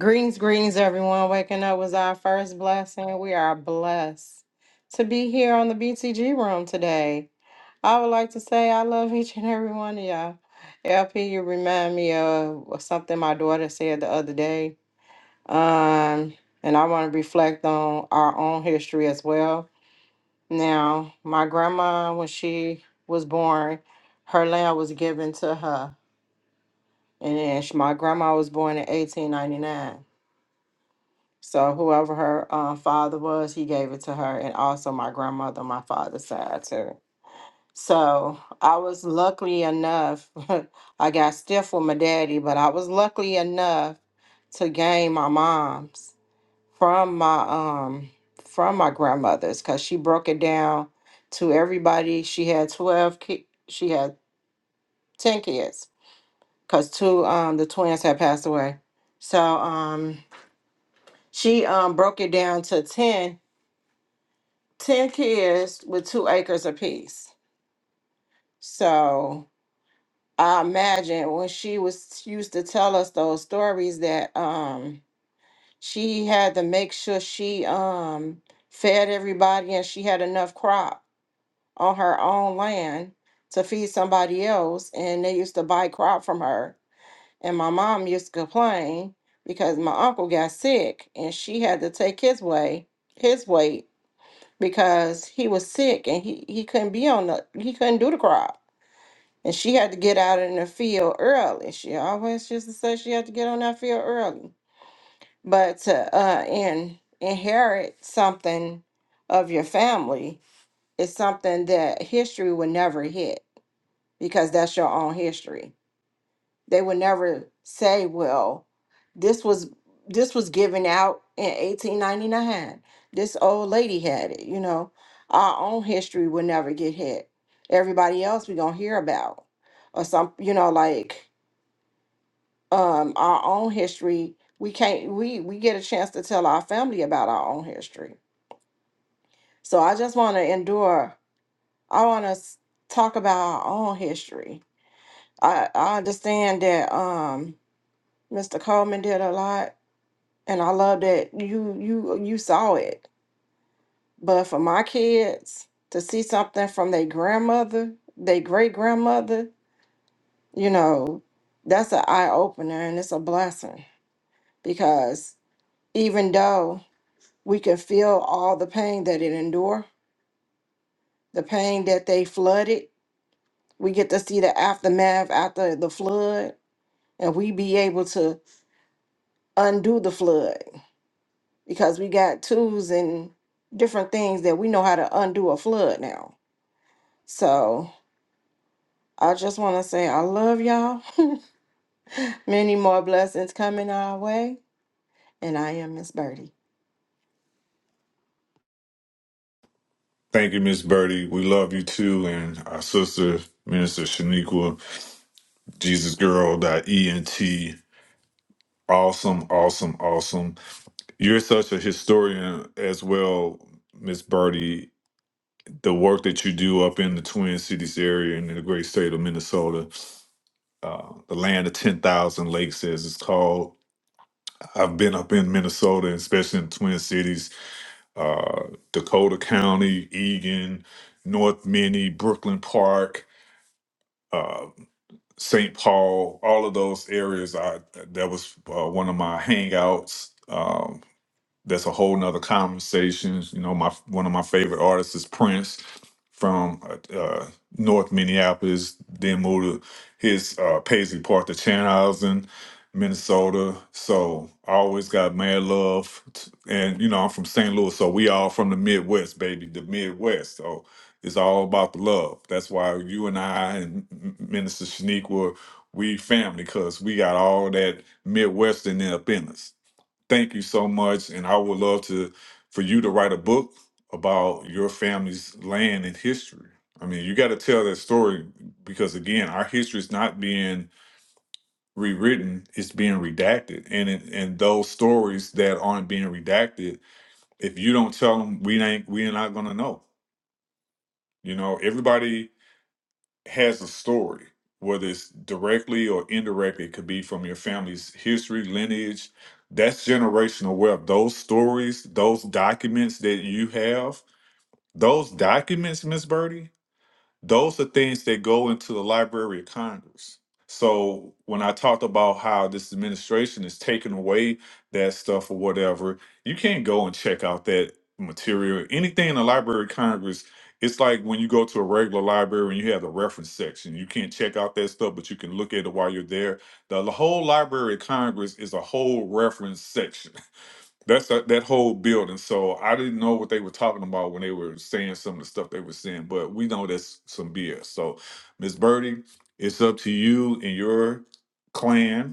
Speaker 6: Greetings, greetings, everyone. Waking up was our first blessing. We are blessed to be here on the BTG room today. I would like to say I love each and every one of y'all. LP, you remind me of something my daughter said the other day. Um, and I want to reflect on our own history as well. Now, my grandma, when she was born, her land was given to her and then sh my grandma was born in 1899. So whoever her uh, father was, he gave it to her, and also my grandmother, on my father's side too. So I was lucky enough. I got stiff with my daddy, but I was lucky enough to gain my mom's from my um from my grandmother's because she broke it down to everybody. She had twelve. Ki- she had ten kids because two um the twins had passed away. So um. She um broke it down to 10 10 kids with two acres apiece. So I imagine when she was she used to tell us those stories that um she had to make sure she um fed everybody and she had enough crop on her own land to feed somebody else and they used to buy crop from her. And my mom used to complain because my uncle got sick and she had to take his way, his weight because he was sick and he, he couldn't be on the he couldn't do the crop. And she had to get out in the field early. She always used to say she had to get on that field early. But to uh in, inherit something of your family is something that history would never hit because that's your own history they would never say, well, this was this was given out in 1899. This old lady had it, you know. Our own history would never get hit. Everybody else we gonna hear about. Or some you know, like um our own history, we can't we we get a chance to tell our family about our own history. So I just wanna endure. I wanna s- talk about our own history. I, I understand that um Mr. Coleman did a lot And I love that you you you saw it. But for my kids to see something from their grandmother, their great grandmother, you know, that's an eye opener and it's a blessing because even though we can feel all the pain that it endured, the pain that they flooded, we get to see the aftermath after the flood, and we be able to undo the flood because we got tools and different things that we know how to undo a flood now So I just want to say I love y'all. Many more blessings coming our way. And I am Miss Birdie.
Speaker 5: Thank you, Miss Birdie. We love you too. And our sister, Minister Shaniqua, Jesus Girl. dot E N T. Awesome, awesome, awesome. You're such a historian as well, Miss Birdie. The work that you do up in the Twin Cities area and in the great state of Minnesota, uh, the land of 10,000 lakes, as it's called. I've been up in Minnesota, especially in the Twin Cities, uh, Dakota County, Eagan, North Minnie, Brooklyn Park. uh, St. Paul, all of those areas. I that was uh, one of my hangouts. Um, that's a whole nother conversation. You know, my one of my favorite artists is Prince from uh, uh, North Minneapolis. Then moved to his uh, Paisley Park to Chanhassen, Minnesota. So I always got mad love, t- and you know I'm from St. Louis, so we all from the Midwest, baby, the Midwest. So it's all about the love. That's why you and I and M- M- Minister Shaniqua, we family, cause we got all that Midwestern up in us. Thank you so much. And I would love to for you to write a book about your family's land and history. I mean, you got to tell that story because again, our history is not being rewritten, it's being redacted. And it, and those stories that aren't being redacted, if you don't tell them, we ain't we're not going to know. You know, everybody has a story, whether it's directly or indirectly, it could be from your family's history, lineage. That's generational wealth. Those stories, those documents that you have, those documents, Miss Birdie, those are things that go into the Library of Congress. So when I talked about how this administration is taking away that stuff or whatever, you can't go and check out that material. Anything in the Library of Congress, it's like when you go to a regular library and you have the reference section. You can't check out that stuff, but you can look at it while you're there. The whole Library of Congress is a whole reference section. That's that that whole building. So I didn't know what they were talking about when they were saying some of the stuff they were saying, but we know that's some BS. So, Miss Birdie, it's up to you and your clan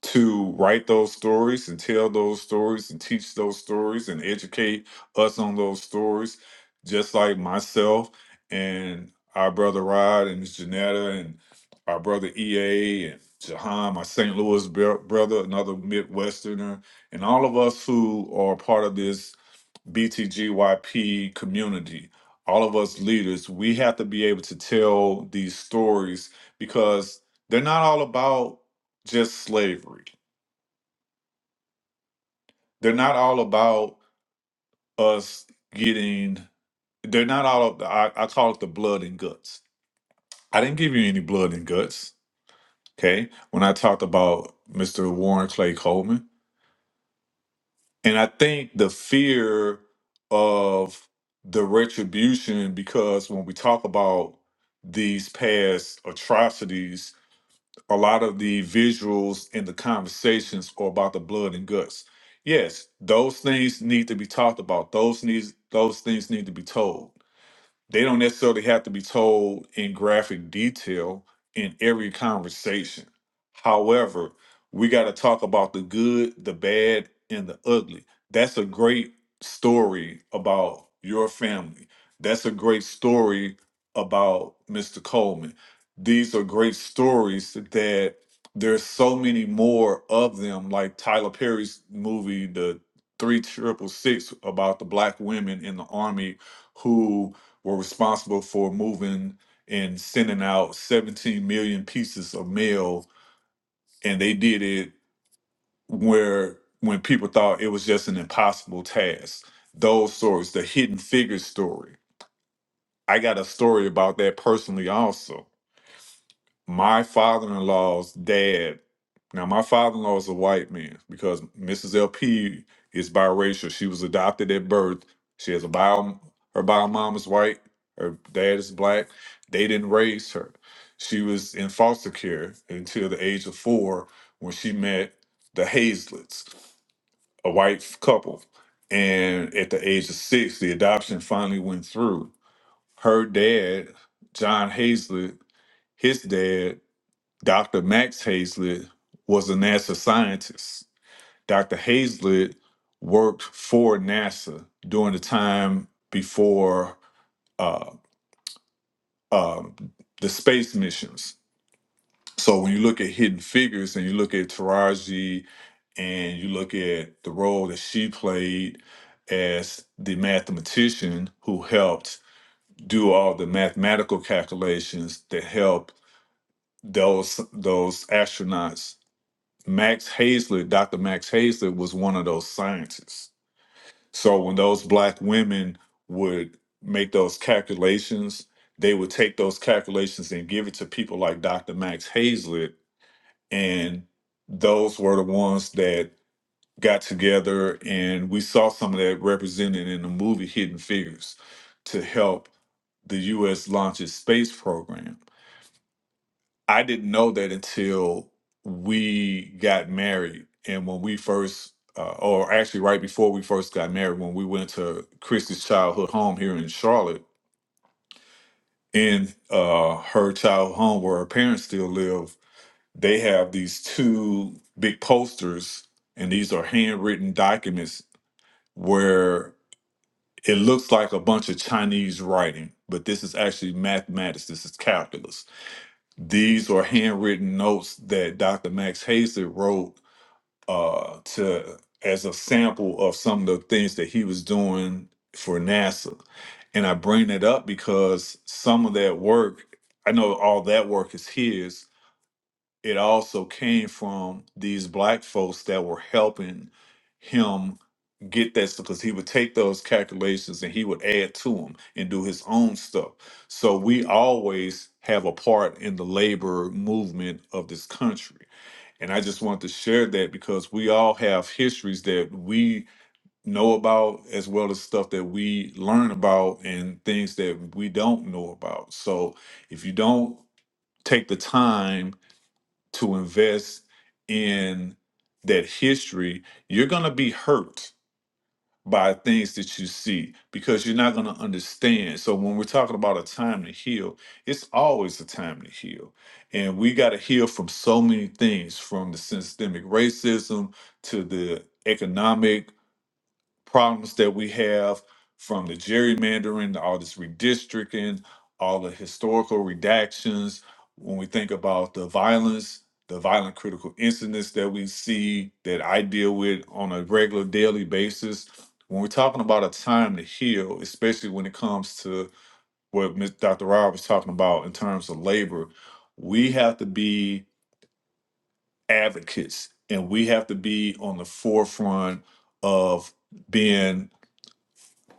Speaker 5: to write those stories and tell those stories and teach those stories and educate us on those stories, just like myself and our brother Rod and Miss Janetta and our brother EA and Jahan, my St. Louis bro- brother, another Midwesterner, and all of us who are part of this BTGYP community, all of us leaders, we have to be able to tell these stories because they're not all about just slavery they're not all about us getting they're not all of the I, I call it the blood and guts i didn't give you any blood and guts okay when i talked about mr warren clay coleman and i think the fear of the retribution because when we talk about these past atrocities a lot of the visuals and the conversations are about the blood and guts. Yes, those things need to be talked about. Those needs those things need to be told they don't necessarily have to be told in graphic detail in every conversation. However, we got to talk about the good, the bad, and the ugly. That's a great story about your family. That's a great story about Mr. Coleman. These are great stories that there's so many more of them, like Tyler Perry's movie, The Three Triple Six, about the black women in the army who were responsible for moving and sending out 17 million pieces of mail and they did it where when people thought it was just an impossible task those stories the hidden figures story i got a story about that personally also my father-in-law's dad now my father-in-law is a white man because mrs lp is biracial she was adopted at birth she has a bio her bio mom is white her dad is black they didn't raise her she was in foster care until the age of four when she met the hazlets a white couple and at the age of six the adoption finally went through her dad john hazlet his dad Dr. Max Hazlett was a NASA scientist. Dr. Hazlett worked for NASA during the time before uh, um the space missions. So when you look at Hidden Figures and you look at Taraji and you look at the role that she played as the mathematician who helped do all the mathematical calculations that helped those those astronauts Max Hazlett, Dr. Max Hazlett was one of those scientists. So when those black women would make those calculations, they would take those calculations and give it to people like Dr. Max Hazlett. And those were the ones that got together and we saw some of that represented in the movie Hidden Figures to help the US launch its space program. I didn't know that until we got married. And when we first, uh, or actually right before we first got married, when we went to Christy's childhood home here in Charlotte, in uh, her childhood home where her parents still live, they have these two big posters, and these are handwritten documents where it looks like a bunch of Chinese writing, but this is actually mathematics. This is calculus These are handwritten notes that Dr. Max Hazlett wrote uh, to as a sample of some of the things that he was doing for NASA. And I bring that up because some of that work, I know all that work is his, it also came from these black folks that were helping him get that stuff because he would take those calculations and he would add to them and do his own stuff. So we always have a part in the labor movement of this country. And I just want to share that because we all have histories that we know about as well as stuff that we learn about and things that we don't know about. So if you don't take the time to invest in that history, you're going to be hurt by things that you see because you're not going to understand. So, when we're talking about a time to heal, it's always a time to heal. And we got to heal from so many things from the systemic racism to the economic problems that we have from the gerrymandering, all this redistricting, all the historical redactions. When we think about the violence, the violent critical incidents that we see that I deal with on a regular daily basis, when we're talking about a time to heal, especially when it comes to what Ms. Dr. Rob was talking about in terms of labor, we have to be advocates and we have to be on the forefront of being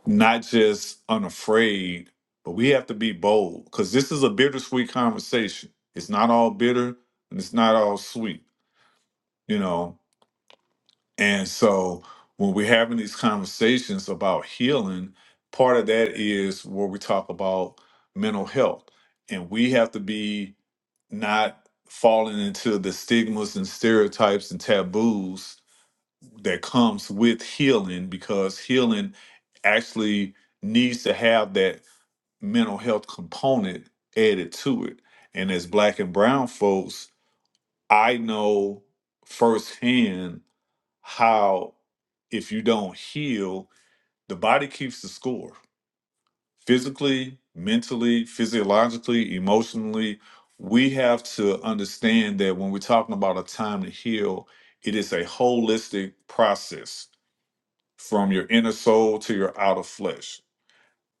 Speaker 5: not just unafraid, but we have to be bold because this is a bittersweet conversation. It's not all bitter and it's not all sweet, you know. And so when we're having these conversations about healing, part of that is where we talk about mental health. And we have to be not falling into the stigmas and stereotypes and taboos that comes with healing because healing actually needs to have that mental health component added to it. And as black and brown folks, I know firsthand how if you don't heal, the body keeps the score physically, mentally, physiologically, emotionally. We have to understand that when we're talking about a time to heal, it is a holistic process from your inner soul to your outer flesh.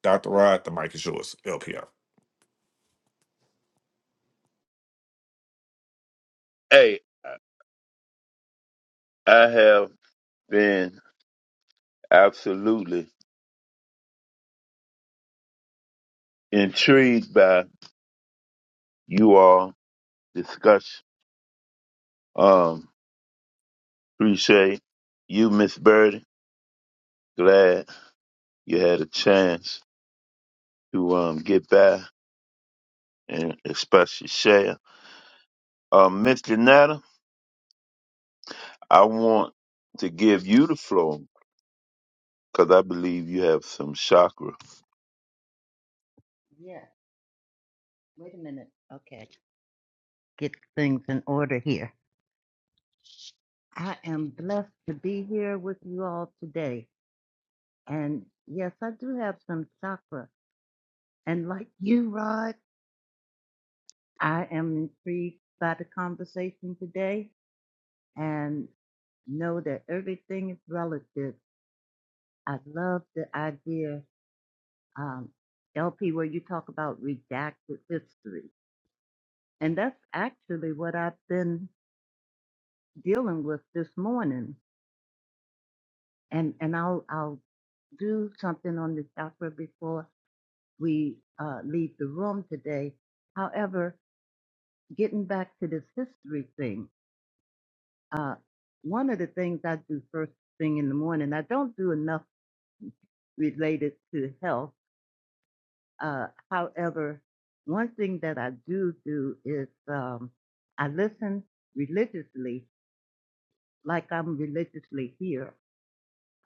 Speaker 5: Dr. Rod, the mic is yours, LPR.
Speaker 1: Hey, I have been absolutely intrigued by you all discussion. Um, appreciate you, Miss Birdie. Glad you had a chance to um get by and especially share. Um, Miss Janetta, I want to give you the floor because I believe you have some chakra.
Speaker 7: Yeah. Wait a minute. Okay. Get things in order here. I am blessed to be here with you all today. And yes, I do have some chakra. And like you, Rod, I am intrigued by the conversation today and know that everything is relative. I love the idea, um, LP, where you talk about redacted history. And that's actually what I've been dealing with this morning. and and I'll I'll do something on the chakra before we uh, leave the room today. However, getting back to this history thing, uh, one of the things I do first thing in the morning, I don't do enough related to health. Uh, however, one thing that I do do is um, I listen religiously, like I'm religiously here.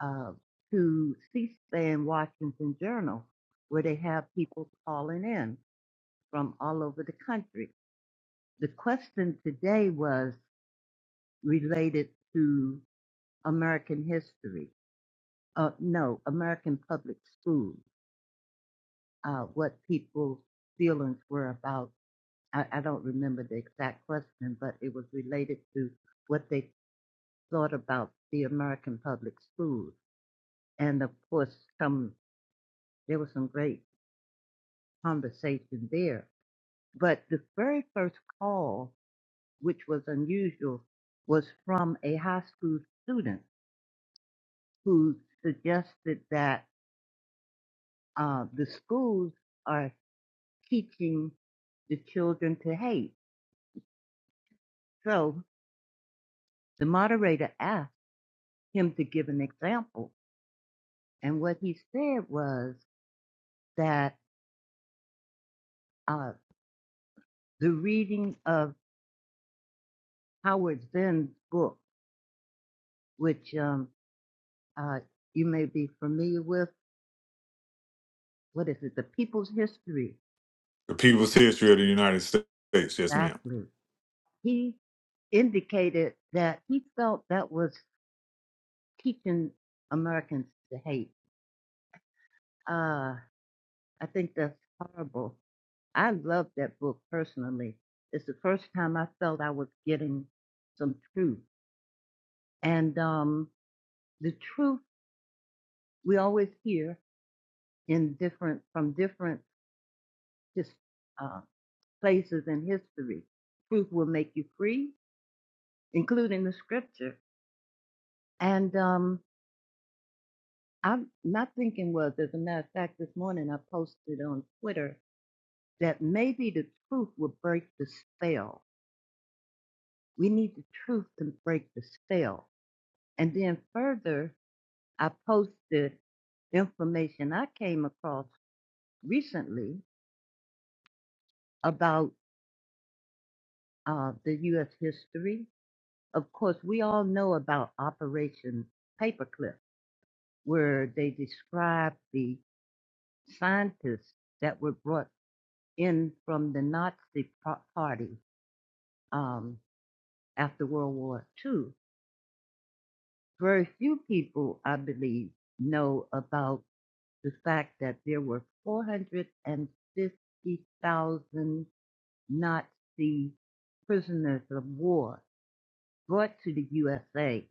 Speaker 7: uh, to C-SPAN Washington Journal, where they have people calling in from all over the country. The question today was related to American history. Uh, no, American public schools. Uh, what people's feelings were about. I, I don't remember the exact question, but it was related to what they thought about the American public schools. And of course, some there was some great conversation there But the very first call, which was unusual, was from a high school student who suggested that uh, the schools are teaching the children to hate. So the moderator asked him to give an example. And what he said was that uh, the reading of Howard Zinn's book, which um, uh, you may be familiar with, what is it, The People's History?
Speaker 5: The People's History of the United States. Yes, ma'am.
Speaker 7: Exactly he indicated that he felt that was teaching Americans to hate. Uh, I think that's horrible. I love that book personally. It's the first time I felt I was getting some truth. And um, the truth we always hear in different from different just uh, places in history. Truth will make you free, including the scripture. And um, I'm not thinking was, as a matter of fact, this morning I posted on Twitter that maybe the truth will break the spell. We need the truth to break the spell. And then further, I posted information I came across recently about uh, the U.S. history. Of course, we all know about Operation Paperclip, where they described the scientists that were brought in from the Nazi party um, after World War II. Very few people, I believe, know about the fact that there were 450,000 Nazi prisoners of war brought to the USA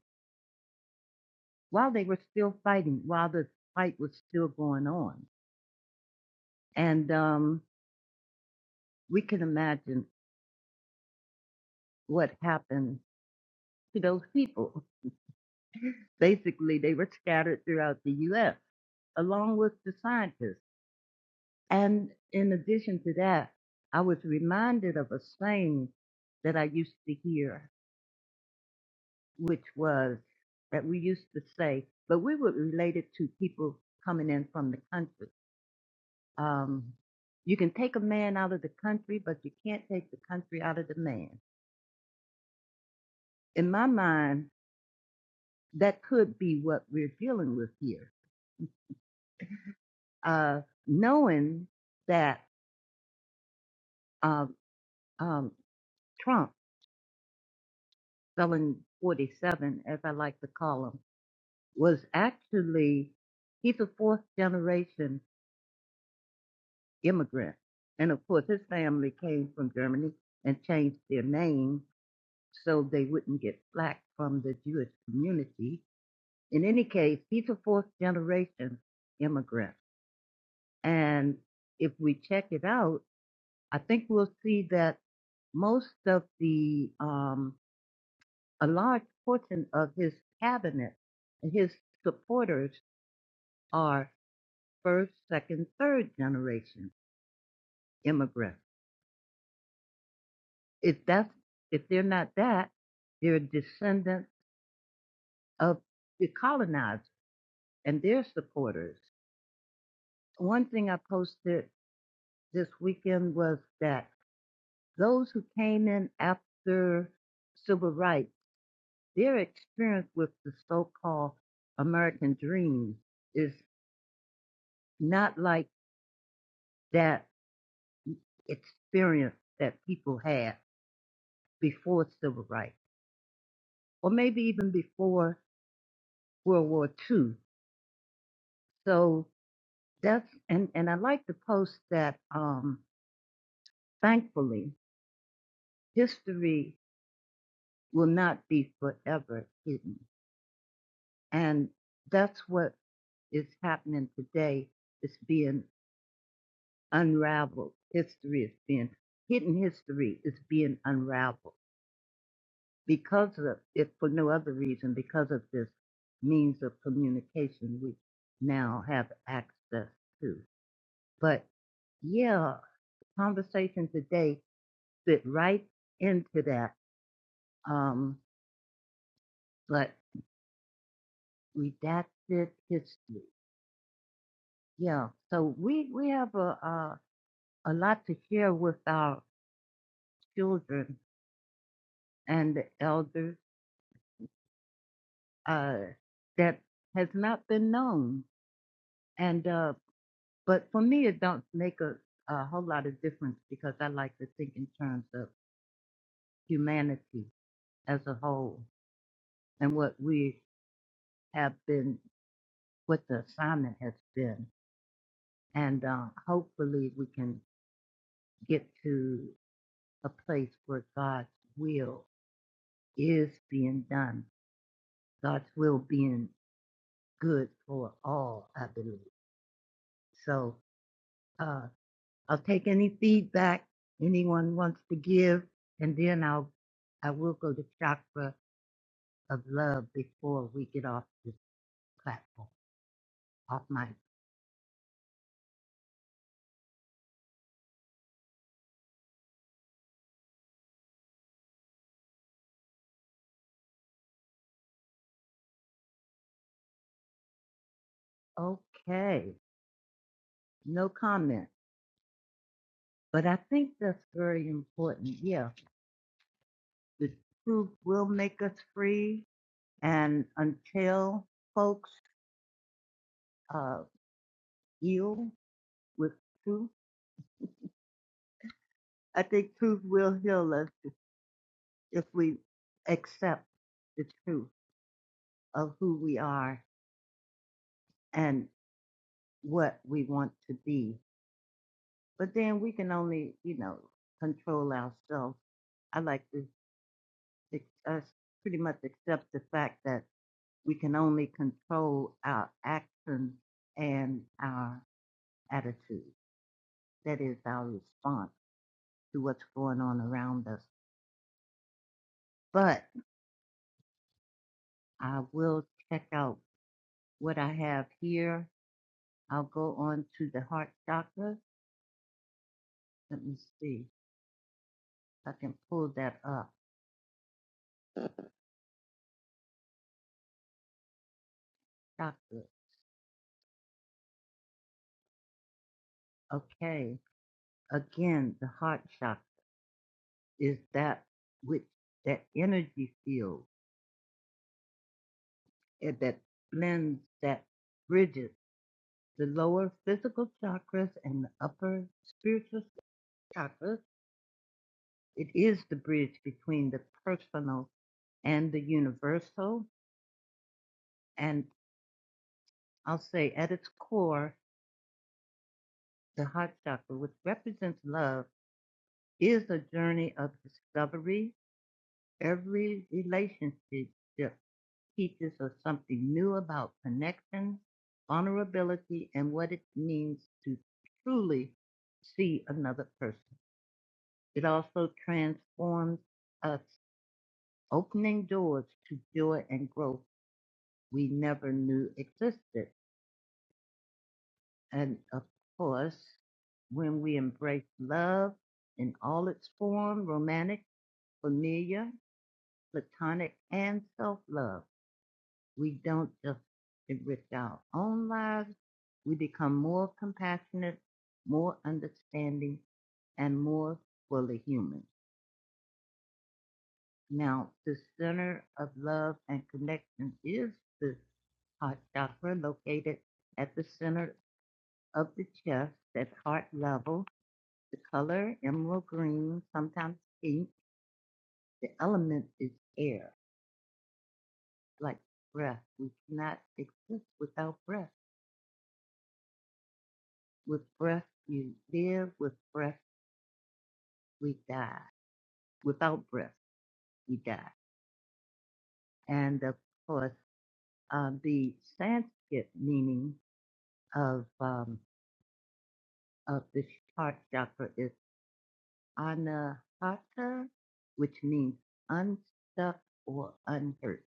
Speaker 7: while they were still fighting, while the fight was still going on. And um, we can imagine what happened to those people. Basically, they were scattered throughout the US along with the scientists. And in addition to that, I was reminded of a saying that I used to hear, which was that we used to say, but we would relate it to people coming in from the country. Um, you can take a man out of the country, but you can't take the country out of the man. In my mind, that could be what we're dealing with here. Uh, knowing that uh, um, Trump, felon 47, as I like to call him, was actually he's a fourth generation immigrant, and of course his family came from Germany and changed their name so they wouldn't get flack from the Jewish community. In any case, he's a fourth generation immigrant, and if we check it out, I think we'll see that most of the um, a large portion of his cabinet and his supporters are. first, second, third generation immigrants. If that's if they're not that, they're descendants of the colonized and their supporters. One thing I posted this weekend was that those who came in after civil rights, their experience with the so-called American dream is not like that experience that people had before civil rights, or maybe even before World War Two, So that's and and I like to post that. Um, thankfully, history will not be forever hidden, and that's what is happening today. It's being unraveled. History is being hidden. History is being unraveled because of if for no other reason because of this means of communication we now have access to. But yeah. conversation today fit right into that. Um, but redacted history. Yeah. So we we have a a, a lot to share with our children and the elders uh, that has not been known. And uh, but for me, it don't make a a whole lot of difference because I like to think in terms of humanity as a whole and what we have been, what the assignment has been. And uh, hopefully we can get to a place where God's will is being done, God's will being good for all, I believe. So uh, I'll take any feedback anyone wants to give, and then I'll I will go to chakra of love before we get off this platform, off my okay, no comment. But I think that's very important. Yeah. the truth will make us free. And until folks uh, heal with truth, I think truth will heal us if we accept the truth of who we are and what we want to be. But then we can only, you know, control ourselves. I like to us pretty much accept the fact that we can only control our actions and our attitudes. That is our response to what's going on around us. But I will check out what I have here. I'll go on to the heart chakra. Let me see if I can pull that up. Chakra. Okay. Again, the heart chakra is that which that energy field eh, that blends that bridges the lower physical chakras and the upper spiritual chakras. It is the bridge between the personal and the universal, and I'll say at its core, the heart chakra, which represents love, is a journey of discovery. Every relationship teaches us something new about connection, vulnerability, and what it means to truly see another person. It also transforms us, opening doors to joy and growth we never knew existed. And of course, when we embrace love in all its form, romantic, familiar, platonic, and self-love, we don't just enrich our own lives, we become more compassionate, more understanding, and more fully human. Now, the center of love and connection is the heart chakra located at the center of the chest at heart level The color emerald green, sometimes pink. The element is air, like breath. We cannot exist without breath. With breath, you live. With breath, we die. Without breath, we die. And of course, uh, the Sanskrit meaning of um, of the heart chakra is anahata, which means unstuck or unhurt,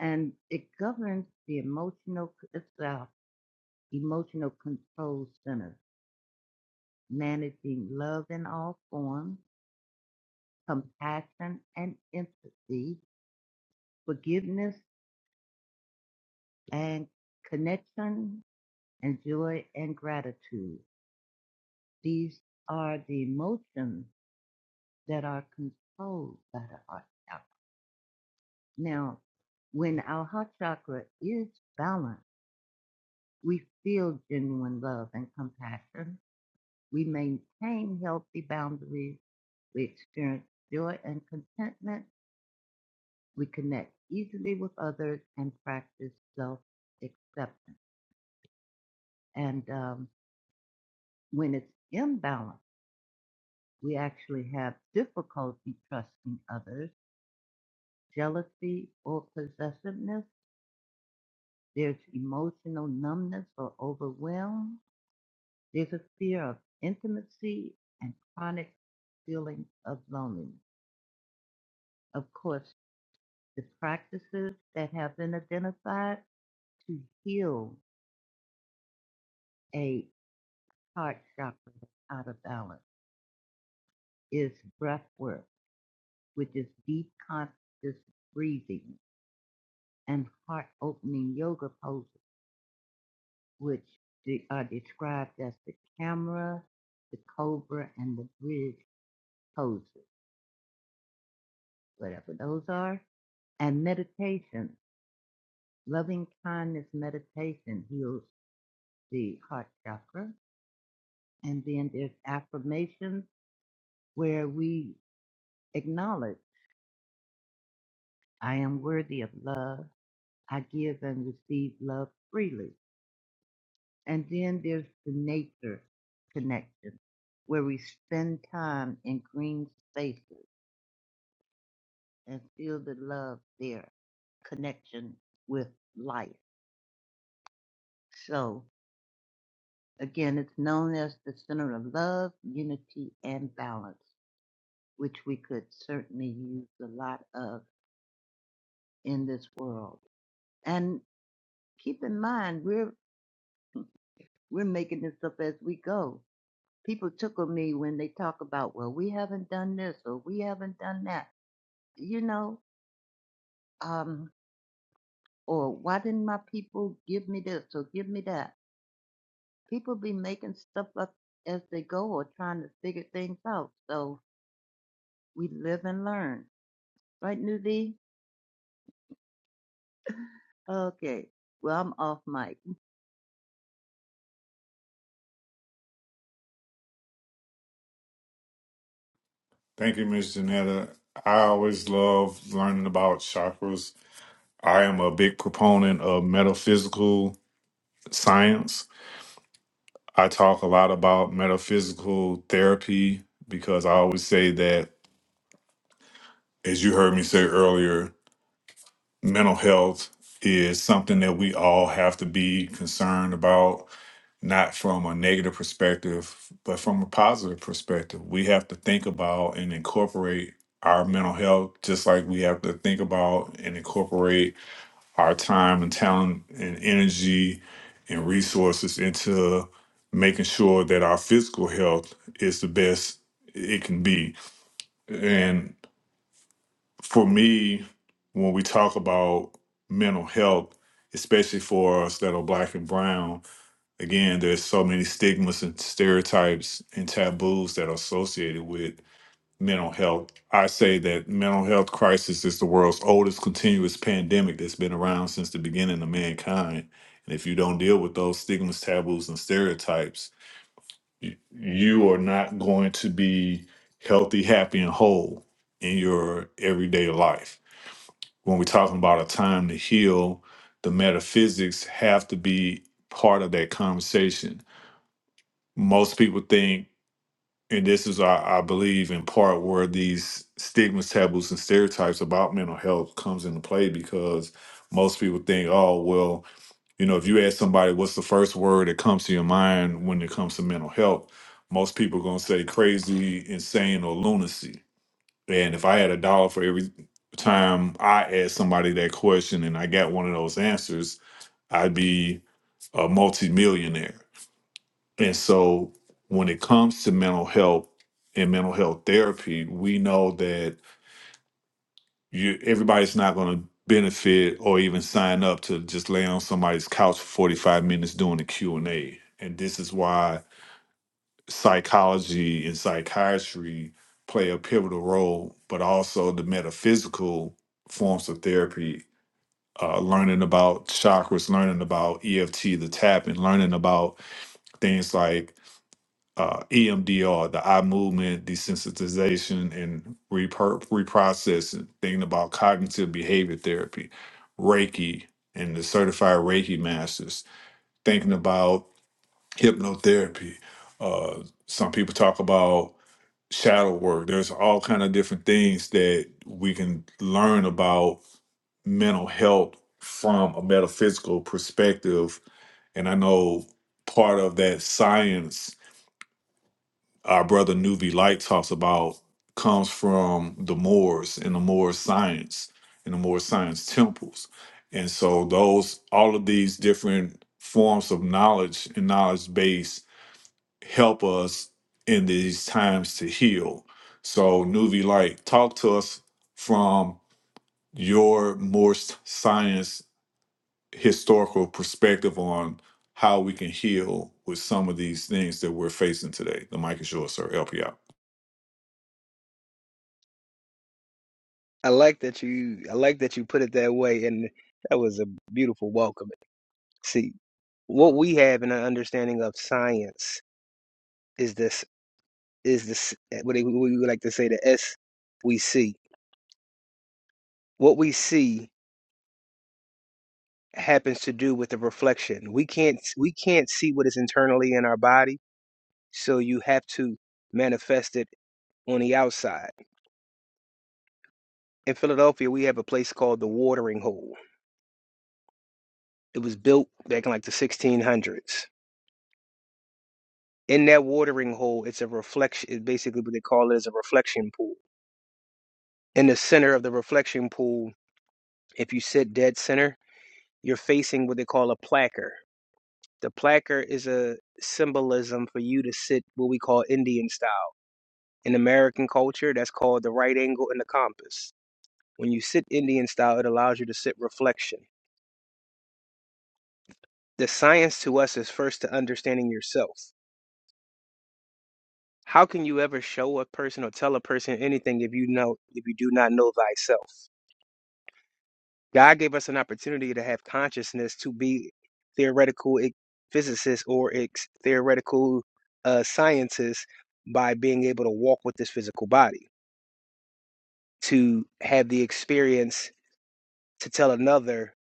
Speaker 7: and it governs the emotional. self. Emotional Control Center, managing love in all forms, compassion and empathy, forgiveness and connection, and joy and gratitude. These are the emotions that are controlled by the heart chakra. Now, when our heart chakra is balanced, we feel genuine love and compassion. We maintain healthy boundaries. We experience joy and contentment We connect easily with others and practice self acceptance. And um, when it's imbalanced, we actually have difficulty trusting others, jealousy or possessiveness. There's emotional numbness or overwhelm. There's a fear of intimacy and chronic feeling of loneliness. Of course, the practices that have been identified to heal a heart chakra out of balance is breathwork, which is deep conscious breathing, and heart opening yoga poses, which are described as the camera, the cobra, and the bridge poses, whatever those are. And meditation, loving kindness meditation heals the heart chakra. And then there's affirmations where we acknowledge I am worthy of love. I give and receive love freely. And then there's the nature connection where we spend time in green spaces and feel the love there, connection with life. So again, it's known as the center of love, unity, and balance, which we could certainly use a lot of in this world. And keep in mind, we're we're making this up as we go. People tickle me when they talk about, well, we haven't done this or we haven't done that you know, um, or why didn't my people give me this or give me that? People be making stuff up as they go or trying to figure things out. So we live and learn. Right, Nuvi? Okay. Well, I'm off mic.
Speaker 5: Thank you, Miss Janetta. I always love learning about chakras. I am a big proponent of metaphysical science. I talk a lot about metaphysical therapy because I always say that, as you heard me say earlier, mental health is something that we all have to be concerned about not from a negative perspective, but from a positive perspective. We have to think about and incorporate our mental health just like we have to think about and incorporate our time and talent and energy and resources into making sure that our physical health is the best it can be. And for me, when we talk about mental health, especially for us that are black and brown, again, there's so many stigmas and stereotypes and taboos that are associated with mental health. I say that mental health crisis is the world's oldest continuous pandemic that's been around since the beginning of mankind. And if you don't deal with those stigmas, taboos, and stereotypes, y- you are not going to be healthy, happy, and whole in your everyday life. When we're talking about a time to heal, the metaphysics have to be part of that conversation most people think, and this is, I, I believe, in part where these stigmas, taboos, and stereotypes about mental health comes into play because most people think, oh, well, you know, if you ask somebody what's the first word that comes to your mind when it comes to mental health, most people are gonna say crazy, insane, or lunacy. And if I had a dollar for every time I asked somebody that question and I got one of those answers, I'd be a multimillionaire. And so when it comes to mental health and mental health therapy, we know that you everybody's not going to benefit or even sign up to just lay on somebody's couch for 45 minutes doing a Q and a And this is why psychology and psychiatry play a pivotal role, but also the metaphysical forms of therapy, uh, learning about chakras, learning about EFT, the tapping, learning about things like uh, EMDR, the eye movement desensitization and repro- reprocessing, thinking about cognitive behavior therapy, Reiki, and the certified Reiki masters, thinking about hypnotherapy. Uh, some people talk about shadow work. There's all kind of different things that we can learn about mental health from a metaphysical perspective. And I know part of that science our brother Nuvi Light talks about comes from the Moors and the Moor science and the Moor science temples. And so those all of these different forms of knowledge and knowledge base help us in these times to heal. So Nuvi Light, talk to us from your Moor s- science historical perspective on how we can heal with some of these things that we're facing today. The mic is yours, sir. Help you out.
Speaker 8: I like that you I like that you put it that way and that was a beautiful welcome. See, what we have in our understanding of science is this is this eh, what they- we would like to say the S we see. What we see happens to do with the reflection. We can't we can't see what is internally in our body, so you have to manifest it on the outside. In Philadelphia, we have a place called the Watering Hole. It was built back in like the 1600s in that watering hole it's a reflection it's basically what they call it is a reflection pool in the center of the reflection pool if you sit dead center you're facing what they call a placker the placker is a symbolism for you to sit what we call indian style in american culture that's called the right angle and the compass when you sit indian style it allows you to sit reflection the science to us is first to understanding yourself how can you ever show a person or tell a person anything if you know if you do not know thyself God gave us an opportunity to have consciousness to be theoretical e- physicists or ex- theoretical uh, scientists by being able to walk with this physical body, to have the experience to tell another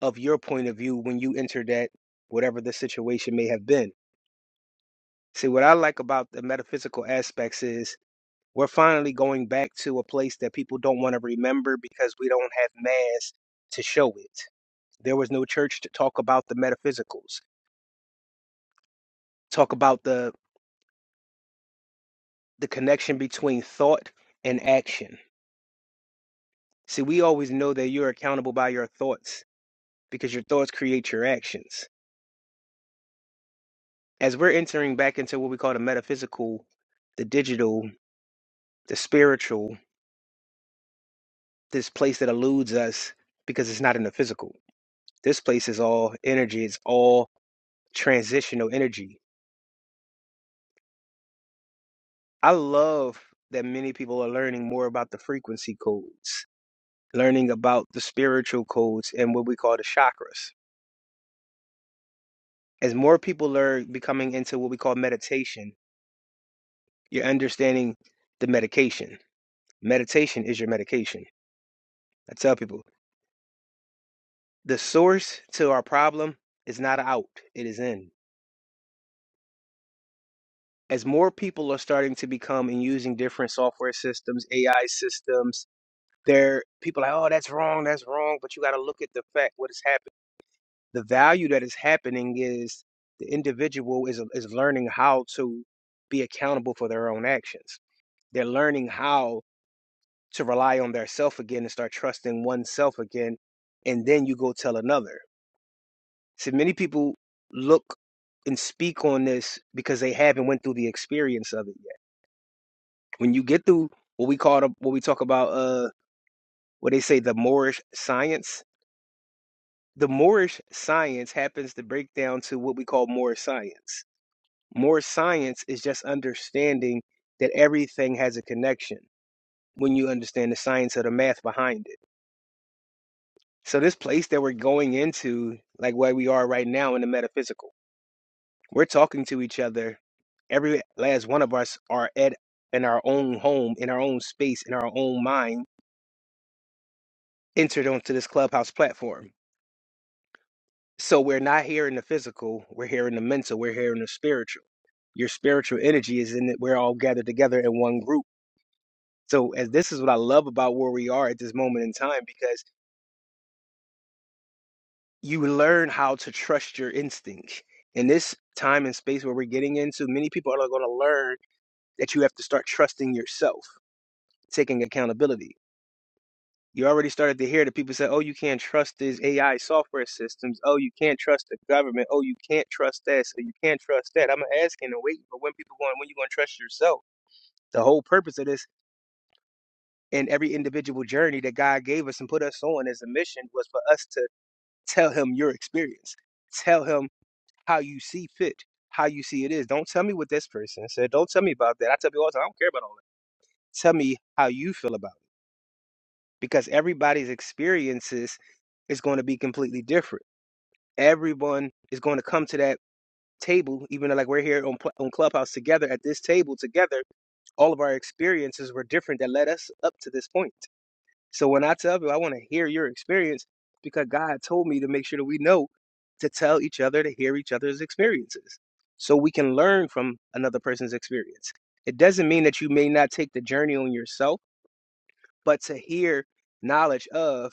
Speaker 8: of your point of view when you enter that, whatever the situation may have been. See, what I like about the metaphysical aspects is we're finally going back to a place that people don't want to remember because we don't have mass to show it There was no church to talk about the metaphysicals, talk about the the connection between thought and action. See, we always know that you're accountable by your thoughts because your thoughts create your actions. As we're entering back into what we call the metaphysical, the digital, the spiritual, this place that eludes us because it's not in the physical. This place is all energy, it's all transitional energy. I love that many people are learning more about the frequency codes learning about the spiritual codes and what we call the chakras. As more people learn becoming into what we call meditation, you're understanding the medication. Meditation is your medication. I tell people the source to our problem is not out, it is in. As more people are starting to become and using different software systems, AI systems, there people are like, oh, that's wrong, that's wrong. But you got to look at the fact what is happening the value that is happening is the individual is is learning how to be accountable for their own actions. They're learning how to rely on their self again and start trusting oneself again, and then you go tell another. See, many people look and speak on this because they haven't went through the experience of it yet. When you get through what we call the, what we talk about, uh, what they say the Moorish science, the Moorish science happens to break down to what we call Moorish science More science is just understanding that everything has a connection when you understand the science of the math behind it. So, this place that we're going into, like where we are right now in the metaphysical, we're talking to each other. Every last one of us are at in our own home, in our own space, in our own mind, entered onto this clubhouse platform. So, we're not here in the physical, we're here in the mental, we're here in the spiritual. Your spiritual energy is in it. We're all gathered together in one group So, as this is what I love about where we are at this moment in time, because you learn how to trust your instincts. In this time and space where we're getting into, many people are going to learn that you have to start trusting yourself, taking accountability. You already started to hear that people say, "Oh, you can't trust these AI software systems. Oh, you can't trust the government. Oh, you can't trust this. Or you can't trust that." I'm asking and waiting for when people going, when you going to trust yourself? The whole purpose of this and every individual journey that God gave us and put us on as a mission was for us to Tell him your experience. Tell him how you see fit, how you see it is. Don't tell me what this person said. Don't tell me about that. I tell people all the time, I don't care about all that. Tell me how you feel about it. Because everybody's experiences is going to be completely different. Everyone is going to come to that table, even though like we're here on, Cl- on Clubhouse together at this table together. All of our experiences were different that led us up to this point. So when I tell you, I want to hear your experience because God told me to make sure that we know to tell each other to hear each other's experiences so we can learn from another person's experience. It doesn't mean that you may not take the journey on yourself, but to hear knowledge of,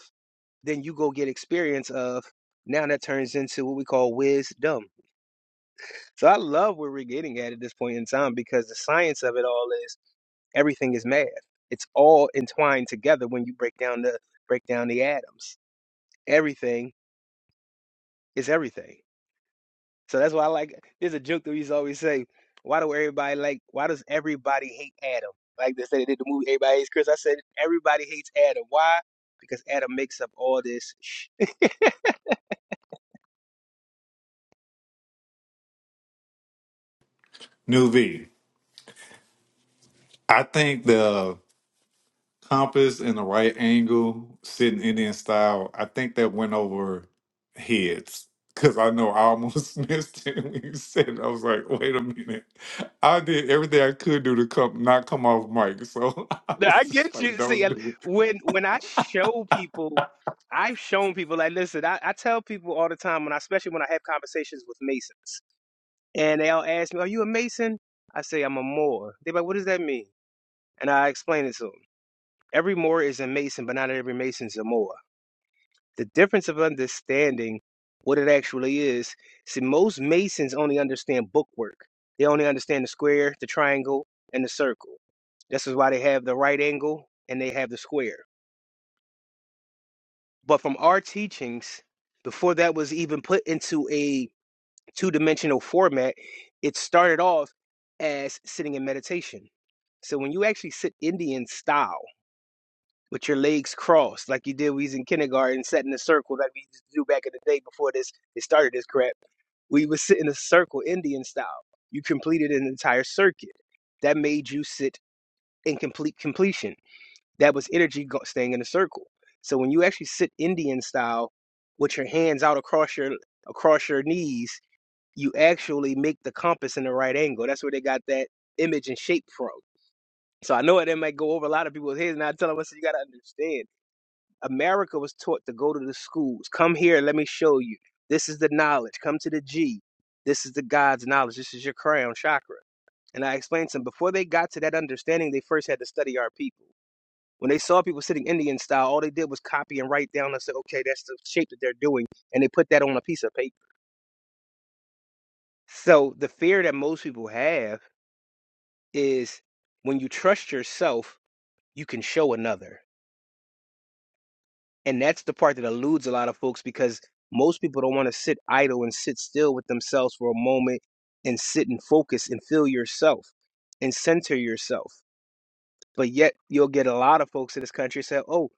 Speaker 8: then you go get experience of. Now that turns into what we call wisdom. So I love where we're getting at at this point in time because the science of it all is everything is math. It's all entwined together when you break down the break down the atoms everything is everything. So that's why I like there's a joke that we used to always say, why do everybody like why does everybody hate Adam? Like they said they did the movie Everybody Hates Chris. I said everybody hates Adam. Why? Because Adam makes up all this sh-
Speaker 5: New V, I think the compass and the right angle, sitting Indian style, I think that went over heads. Cause I know I almost missed it when you said it. I was like, wait a minute. I did everything I could do to come not come off mic. So I
Speaker 8: Now,
Speaker 5: was
Speaker 8: I
Speaker 5: just
Speaker 8: get you.
Speaker 5: like,
Speaker 8: See
Speaker 5: don't
Speaker 8: and
Speaker 5: do it.
Speaker 8: when when I show people I've shown people like listen, I, I tell people all the time when I especially when I have conversations with Masons and they all ask me, Are you a Mason? I say I'm a Moor. They're like, what does that mean? And I explain it to 'em. Every Moor is a Mason, but not every Mason's a Moor. The difference of understanding what it actually is, see, most Masons only understand bookwork. They only understand the square, the triangle, and the circle. This is why they have the right angle and they have the square. But from our teachings, before that was even put into a two dimensional format, it started off as sitting in meditation. So when you actually sit Indian style, with your legs crossed, like you did when we was in kindergarten, sat in a circle like we used to do back in the day before this it started this crap. We would sit in a circle, Indian style. You completed an entire circuit. That made you sit in complete completion. That was energy go- staying in a circle. So when you actually sit Indian style with your hands out across your across your knees, you actually make the compass in the right angle. That's where they got that image and shape from. So I know it might go over a lot of people's heads, and I tell them, I said, you got to understand. America was taught to go to the schools. Come here, let me show you. This is the knowledge. Come to the G. This is the God's knowledge. This is your crown chakra. And I explained to them before they got to that understanding, they first had to study our people. When they saw people sitting Indian style, all they did was copy and write down and said, okay, that's the shape that they're doing. And they put that on a piece of paper. So the fear that most people have is when you trust yourself, you can show another. And that's the part that eludes a lot of folks because most people don't want to sit idle and sit still with themselves for a moment and sit and focus and feel yourself and center yourself. But yet you'll get a lot of folks in this country say, oh,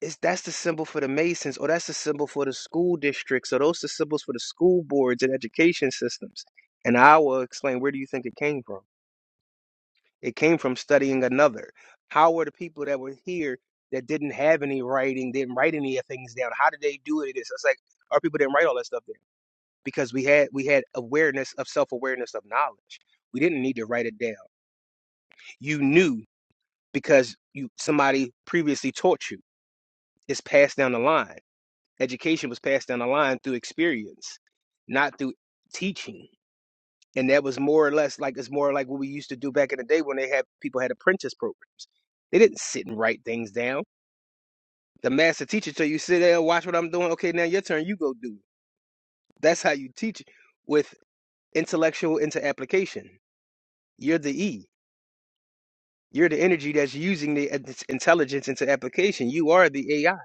Speaker 8: it's, that's the symbol for the Masons, or that's the symbol for the school districts, or those are symbols for the school boards and education systems. And I will explain where do you think it came from? It came from studying another. How were the people that were here that didn't have any writing, didn't write any of things down? How did they do it? It's it's like our people didn't write all that stuff down because we had we had awareness of self awareness of knowledge. We didn't need to write it down. You knew because you somebody previously taught you. It's passed down the line. Education was passed down the line through experience, not through teaching and that was more or less like it's more like what we used to do back in the day when they had people had apprentice programs. They didn't sit and write things down. The master teacher tell you sit there and watch what I'm doing. Okay, now your turn. You go do. it." That's how you teach with intellectual into application. You're the E. You're the energy that's using the uh, its intelligence into application. You are the AI.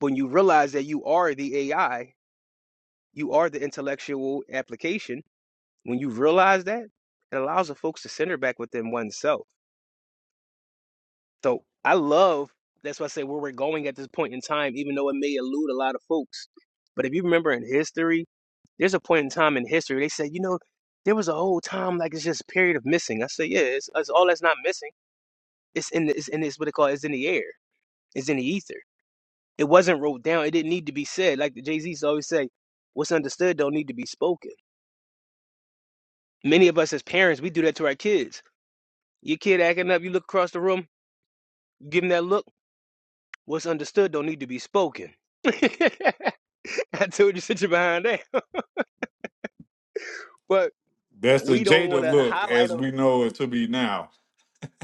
Speaker 8: When you realize that you are the AI, you are the intellectual application. When you realize that, it allows the folks to center back within oneself So I love that's why I say where we're going at this point in time, even though it may elude a lot of folks. But if you remember in history, there's a point in time in history they said, you know, there was a whole time like it's just a period of missing. I say, yeah, it's, it's all that's not missing. It's in the, it's in this what they call it's in the air, it's in the ether. It wasn't wrote down. It didn't need to be said. Like the Jay Z's always say, what's understood don't need to be spoken. Many of us as parents, we do that to our kids. Your kid acting up, you look across the room, give him that look. What's understood don't need to be spoken. I told you sit your behind down. But
Speaker 5: That's the
Speaker 8: we don't
Speaker 5: Jada
Speaker 8: want to
Speaker 5: look
Speaker 8: highlight
Speaker 5: as
Speaker 8: on
Speaker 5: we know it to be now.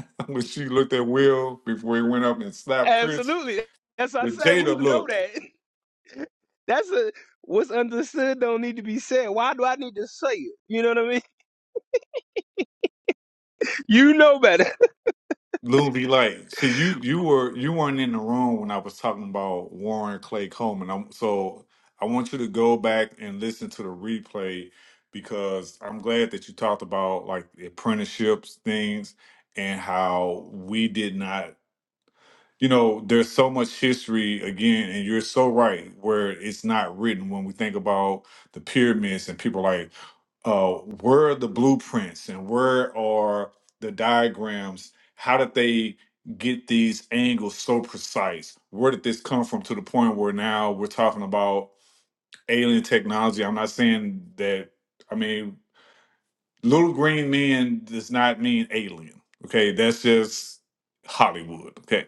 Speaker 5: When she looked at Will before he went up and slapped Chris,
Speaker 8: Absolutely. As I
Speaker 5: the
Speaker 8: say, we
Speaker 5: Jada
Speaker 8: know
Speaker 5: look.
Speaker 8: that. That's a what's understood don't need to be said. Why do I need to say it? You know what I mean? You know better.
Speaker 5: Loon be like, see you you were you weren't in the room when I was talking about Warren Clay Coleman. I'm, so I want you to go back and listen to the replay because I'm glad that you talked about like the apprenticeships things and how we did not you know, there's so much history again, and you're so right, where it's not written when we think about the pyramids and people like, uh, where are the blueprints and where are the diagrams? How did they get these angles so precise? Where did this come from to the point where now we're talking about alien technology? I'm not saying that, I mean, little green men does not mean alien. Okay, that's just Hollywood. Okay,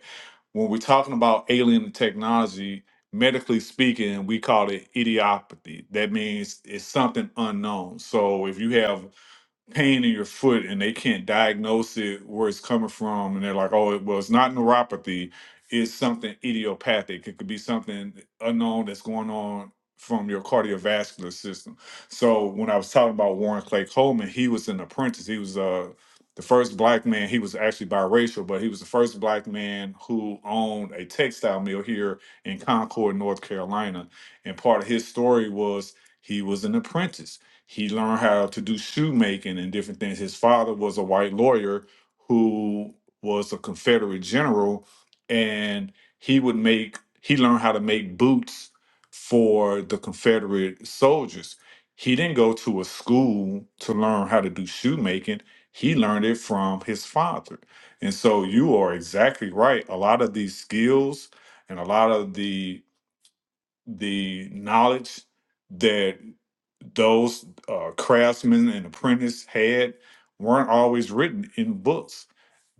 Speaker 5: when we're talking about alien technology, medically speaking, we call it idiopathy. That means it's something unknown. So if you have pain in your foot and they can't diagnose it where it's coming from and they're like oh it was not neuropathy it's something idiopathic it could be something unknown that's going on from your cardiovascular system so when i was talking about warren clay coleman he was an apprentice he was uh the first black man he was actually biracial but he was the first black man who owned a textile mill here in concord north carolina and part of his story was he was an apprentice he learned how to do shoemaking and different things. His father was a white lawyer who was a Confederate general, and he would make, he learned how to make boots for the Confederate soldiers. He didn't go to a school to learn how to do shoemaking. He learned it from his father. And so you are exactly right. A lot of these skills and a lot of the the knowledge that those uh, craftsmen and apprentice had weren't always written in books.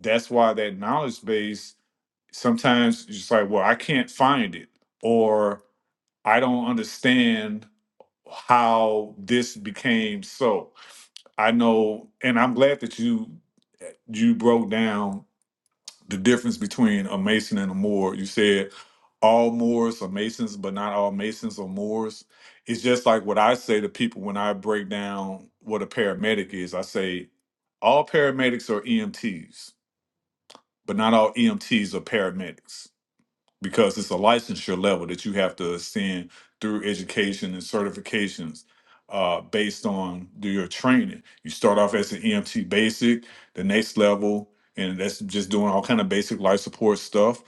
Speaker 5: That's why that knowledge base sometimes it's just like, well, I can't find it, or I don't understand how this became so. I know, and I'm glad that you you broke down the difference between a Mason and a Moor. You said all Moors are Masons, but not all Masons are Moors. It's just like what I say to people when I break down what a paramedic is. I say all paramedics are EMTs, but not all EMTs are paramedics because it's a licensure level that you have to ascend through education and certifications uh, based on do your training. You start off as an EMT basic, the next level, and that's just doing all kind of basic life support stuff.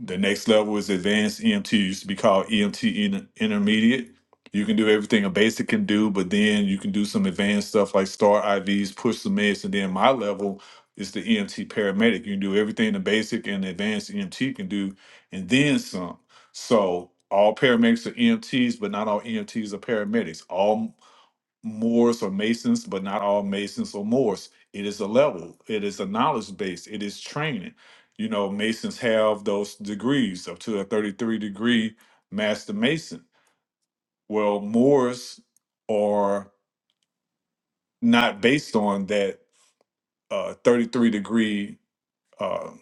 Speaker 5: The next level is advanced EMT, used to be called EMT in- intermediate. You can do everything a basic can do, but then you can do some advanced stuff like start IVs, push some meds, and then my level is the EMT paramedic. You can do everything the basic and advanced EMT can do, and then some. So all paramedics are EMTs, but not all EMTs are paramedics. All Moors are Masons, but not all Masons are Moors. It is a level. It is a knowledge base. It is training. You know, Masons have those degrees up to a 33 degree Master Mason. Well, Moors are not based on that uh, 33 degree um,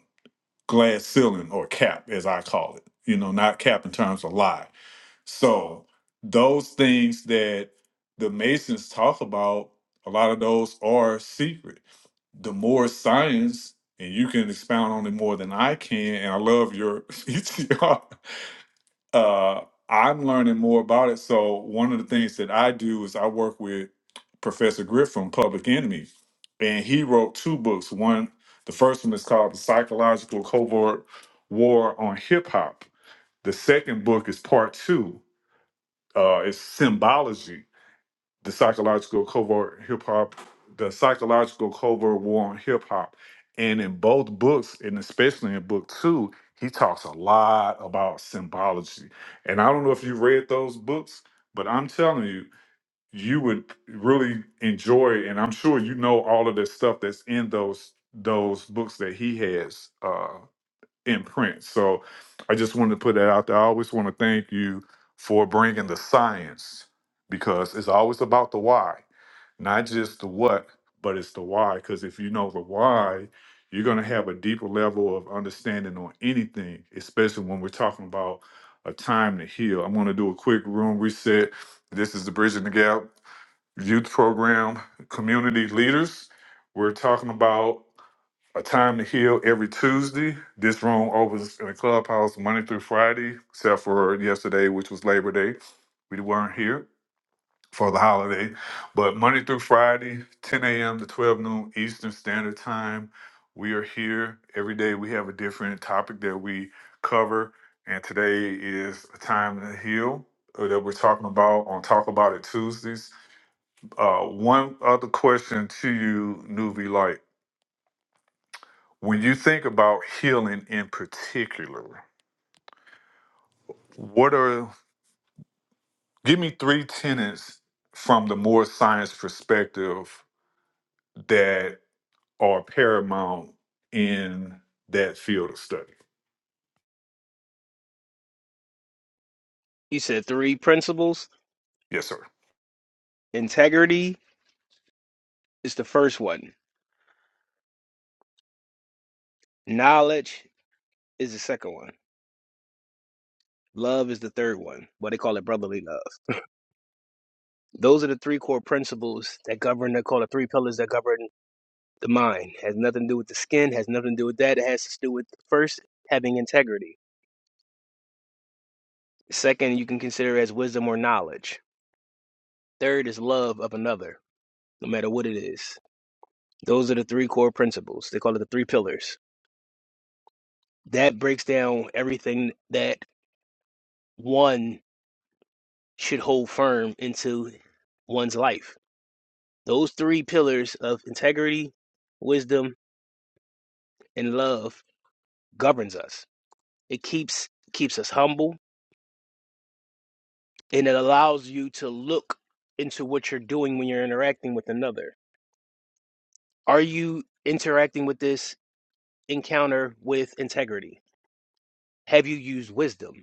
Speaker 5: glass ceiling or cap, as I call it. You know, not cap in terms of lie. So those things that the Masons talk about, a lot of those are secret. The more science, and you can expound on it more than I can, and I love your PTR uh, I'm learning more about it. So one of the things that I do is I work with Professor Griff from Public Enemy, and he wrote two books. One, the first one is called The Psychological Covert War on Hip Hop. The second book is part two. Uh, it's symbology, the psychological covert hip hop, the psychological covert war on hip hop. And in both books, and especially in book two, he talks a lot about symbology. And I don't know if you read those books, but I'm telling you, you would really enjoy, and I'm sure you know all of the stuff that's in those those books that he has. uh, imprint. So I just wanted to put that out there. I always want to thank you for bringing the science because it's always about the why, not just the what, but it's the why. Because if you know the why, you're going to have a deeper level of understanding on anything, especially when we're talking about a time to heal. I'm going to do a quick room reset. This is the Bridging the Gap Youth Program Community Leaders. We're talking about a Time to Heal every Tuesday. This room opens in the clubhouse Monday through Friday, except for yesterday, which was Labor Day. We weren't here for the holiday. But Monday through Friday, 10 a.m. to 12 noon Eastern Standard Time, we are here. Every day we have a different topic that we cover. And today is A Time to Heal uh, that we're talking about on Talk About It Tuesdays. Uh, one other question to you, Nuvi when you think about healing in particular, what are give me three tenets from the more science perspective that are paramount in that field of study?
Speaker 8: He said three principles.
Speaker 5: Yes, sir.
Speaker 8: Integrity is the first one. Knowledge is the second one. Love is the third one. What they call it brotherly love. Those are the three core principles that govern they call the three pillars that govern the mind. It Has nothing to do with the skin, has nothing to do with that. It has to do with first having integrity. Second, you can consider as wisdom or knowledge. Third is love of another, no matter what it is. Those are the three core principles. They call it the three pillars. That breaks down everything that one should hold firm into one's life. Those three pillars of integrity, wisdom, and love governs us. It keeps keeps us humble and it allows you to look into what you're doing when you're interacting with another. Are you interacting with this encounter with integrity? Have you used wisdom?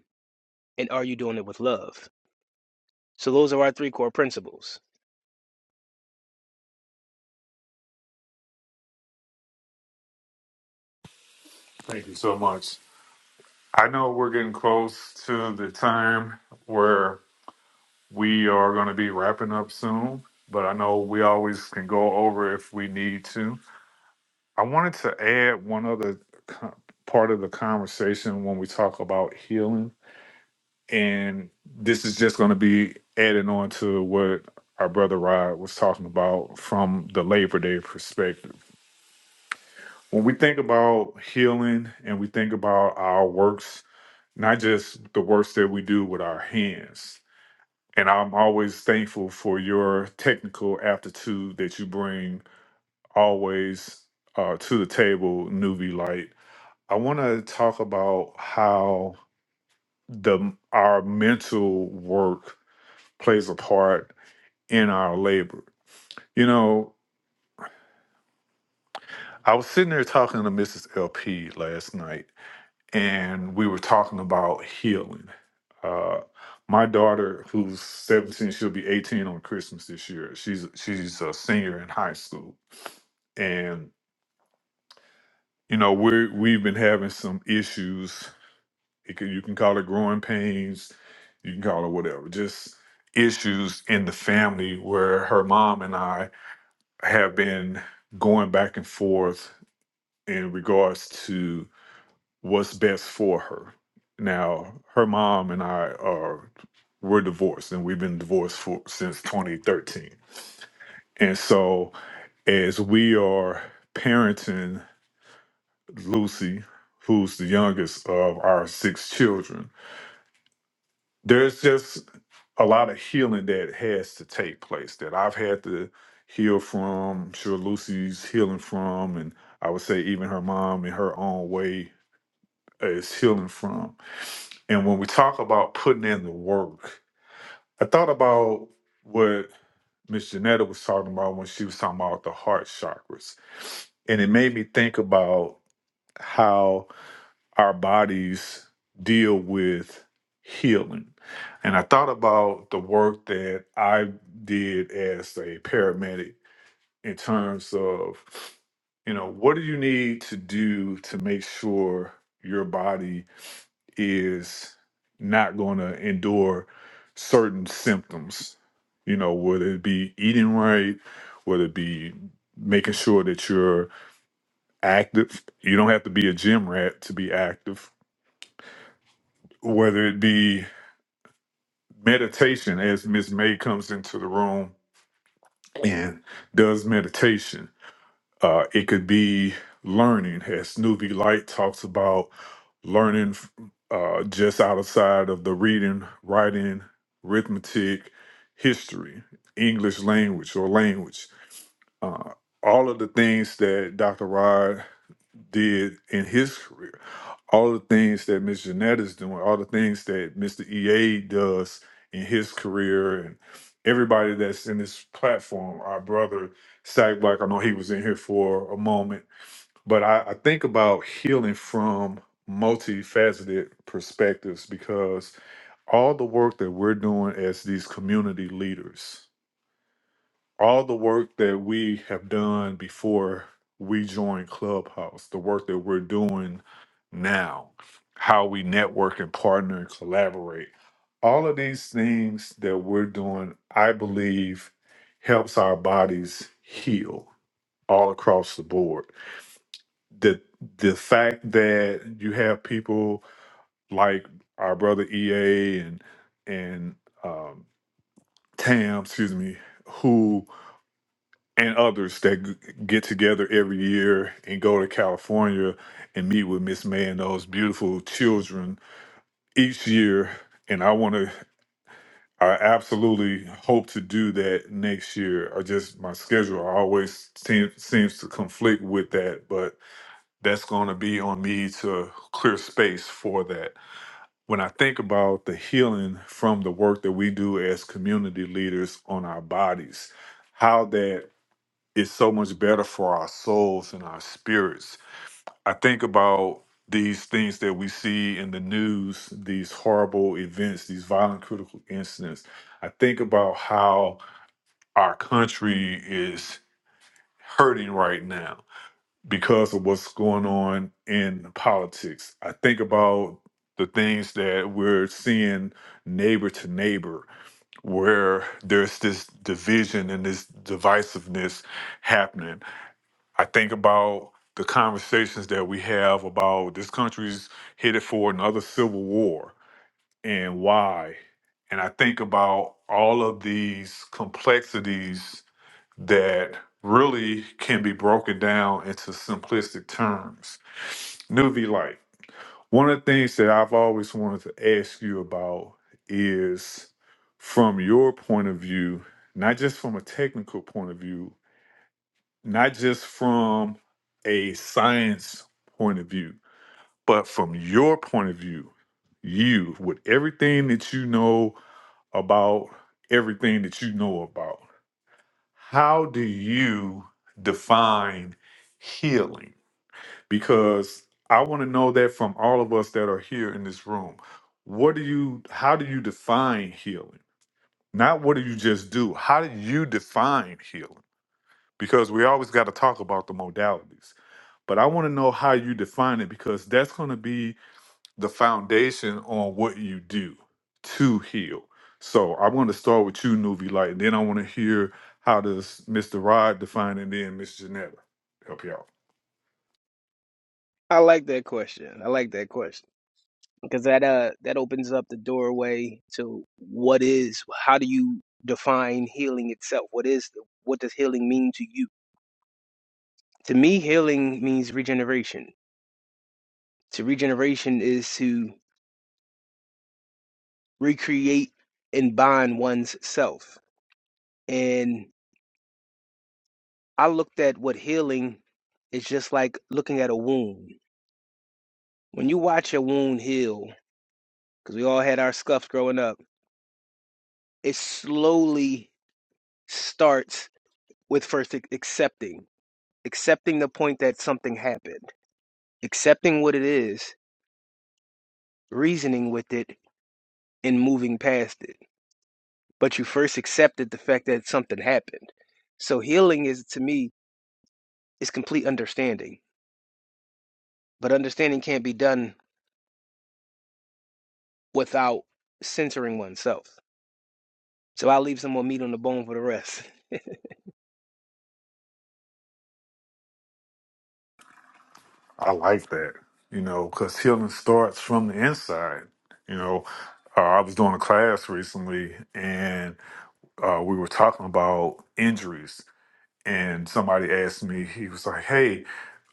Speaker 8: And are you doing it with love? So those are our three core principles.
Speaker 5: Thank you so much. I know we're getting close to the time where we are going to be wrapping up soon, but I know we always can go over if we need to. I wanted to add one other co- part of the conversation when we talk about healing, and this is just going to be adding on to what our brother Rod was talking about from the Labor Day perspective. When we think about healing and we think about our works, not just the works that we do with our hands. And I'm always thankful for your technical aptitude that you bring always uh, to the table, Nuvi Light I want to talk about how the our mental work plays a part in our labor. You know, I was sitting there talking to Mrs. LP last night, and we were talking about healing. Uh, my daughter, who's 17, she'll be 18 on Christmas this year. She's she's a senior in high school, and you know we we've been having some issues It can, you can call it growing pains, you can call it whatever, just issues in the family where her mom and I have been going back and forth in regards to what's best for her. Now, her mom and I are we're divorced and we've been divorced for since 2013. And so as we are parenting Lucy, who's the youngest of our six children, there's just a lot of healing that has to take place that I've had to heal from. I'm sure Lucy's healing from, and I would say even her mom in her own way is healing from. And when we talk about putting in the work, I thought about what Miss Janetta was talking about when she was talking about the heart chakras. And it made me think about how our bodies deal with healing. And I thought about the work that I did as a paramedic in terms of, you know, what do you need to do to make sure your body is not going to endure certain symptoms? You know, whether it be eating right, whether it be making sure that you're active. You don't have to be a gym rat to be active whether it be meditation, as Miss May comes into the room and does meditation. Uh, it could be learning, as Snoopy Light talks about learning uh, just outside of the reading, writing, arithmetic, history, English language or language. Uh, all of the things that Dr. Rod did in his career, all the things that Miss Jeanette is doing, all the things that Mr. EA does in his career, and everybody that's in this platform, our brother Sack Black, I know he was in here for a moment, but I, I think about healing from multifaceted perspectives because all the work that we're doing as these community leaders all the work that we have done before we joined Clubhouse, the work that we're doing now, how we network and partner and collaborate, all of these things that we're doing, I believe, helps our bodies heal all across the board. The the fact that you have people like our brother EA and and um, Tam, excuse me, who and others that g- get together every year and go to California and meet with Miss May and those beautiful children each year. And I want to, I absolutely hope to do that next year. I just, my schedule always seem, seems to conflict with that, but that's going to be on me to clear space for that. When I think about the healing from the work that we do as community leaders on our bodies, how that is so much better for our souls and our spirits. I think about these things that we see in the news, these horrible events, these violent critical incidents. I think about how our country is hurting right now because of what's going on in politics. I think about the things that we're seeing neighbor to neighbor, where there's this division and this divisiveness happening I think about the conversations that we have about this country's headed for another civil war and why. And I think about all of these complexities that really can be broken down into simplistic terms. Nuvi Light, one of the things that I've always wanted to ask you about is from your point of view, not just from a technical point of view, not just from a science point of view, but from your point of view, you, with everything that you know about everything that you know about, how do you define healing? Because I want to know that from all of us that are here in this room. What do you, how do you define healing? Not what do you just do? How do you define healing? Because we always got to talk about the modalities but I want to know how you define it because that's going to be the foundation on what you do to heal. So I want to start with you, Nuvi Light, and then I want to hear how does Mr. Rod define it, and then Miss Janetta help you out.
Speaker 8: I like that question. I like that question because that uh that opens up the doorway to what is how do you define healing itself? What is the, what does healing mean to you? To me, healing means regeneration. To regeneration is to recreate and bind one's self. And I looked at what healing is just like looking at a wound. When you watch a wound heal, because we all had our scuffs growing up, it slowly starts with first ac- accepting, accepting the point that something happened, accepting what it is, reasoning with it, and moving past it. But you first accepted the fact that something happened. So healing is to me is complete understanding But understanding can't be done without centering oneself. So I'll leave some more meat on the bone for the rest.
Speaker 5: I like that, you know, because healing starts from the inside. You know, uh, I was doing a class recently, and uh, we were talking about injuries, and somebody asked me, he was like, "Hey."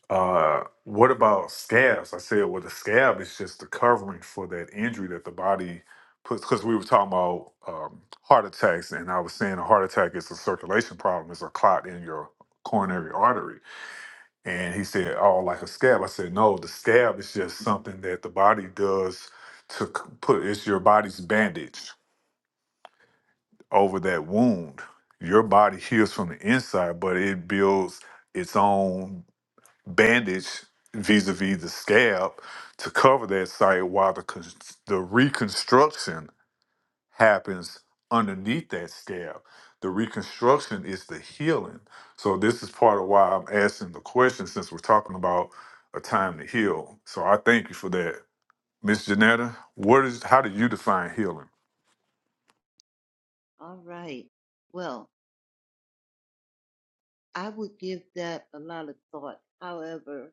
Speaker 5: Uh, what about scabs? I said, well, the scab is just the covering for that injury that the body puts. Because we were talking about um, heart attacks, and I was saying a heart attack is a circulation problem, it's a clot in your coronary artery. And he said, oh, like a scab. I said, no, the scab is just something that the body does to c- put, it's your body's bandage over that wound. Your body heals from the inside, but it builds its own bandage vis-a-vis the scab to cover that site while the con- the reconstruction happens underneath that scab the reconstruction is the healing so this is part of why i'm asking the question since we're talking about a time to heal so i thank you for that miss janetta what is how do you define healing
Speaker 7: All right. Well, I would give that a lot of thought. However,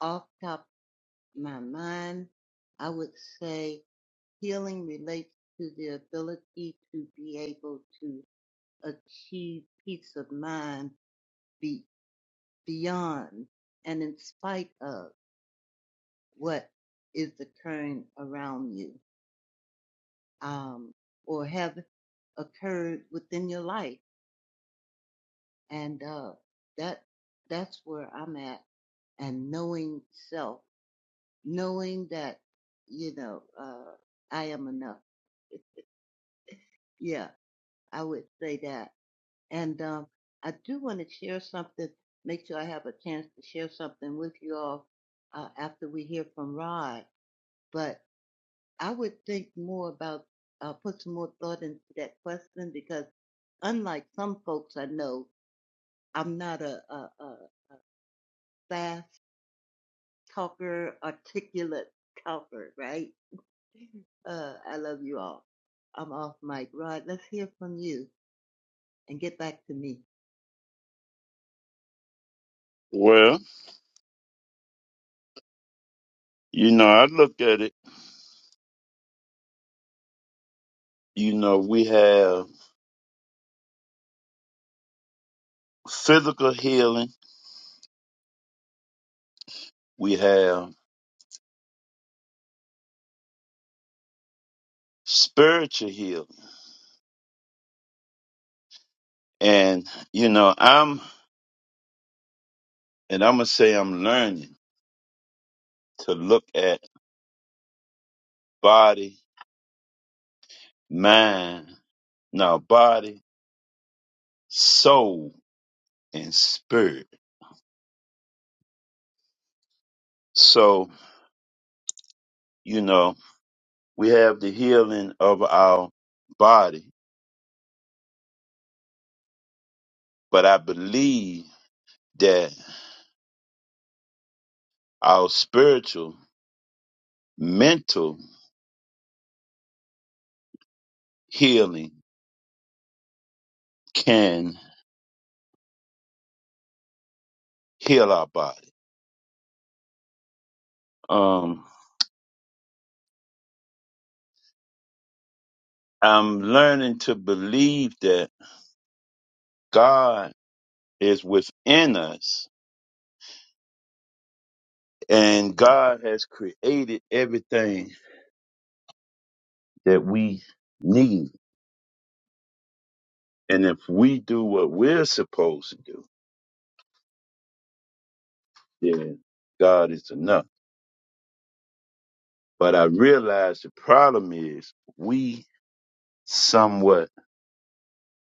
Speaker 7: off top of my mind, I would say healing relates to the ability to be able to achieve peace of mind be beyond and in spite of what is occurring around you um, or have occurred within your life and uh, that that's where i'm at and knowing self knowing that you know uh, i am enough yeah i would say that and um, i do want to share something make sure i have a chance to share something with you all uh, after we hear from rod but I would think more about, uh, put some more thought into that question because unlike some folks I know, I'm not a, a, a fast talker, articulate talker, right? Uh, I love you all. I'm off mic. Rod, let's hear from you and get back to me.
Speaker 1: Well, you know, I look at it. You know, we have physical healing. We have spiritual healing And you know, I'm and I'm gonna say I'm learning to look at body, mind, now body, soul, and spirit. So, you know, we have the healing of our body, but I believe that our spiritual, mental healing can heal our body. Um, I'm learning to believe that God is within us And God has created everything that we need. And if we do what we're supposed to do, then God is enough. But I realize the problem is we somewhat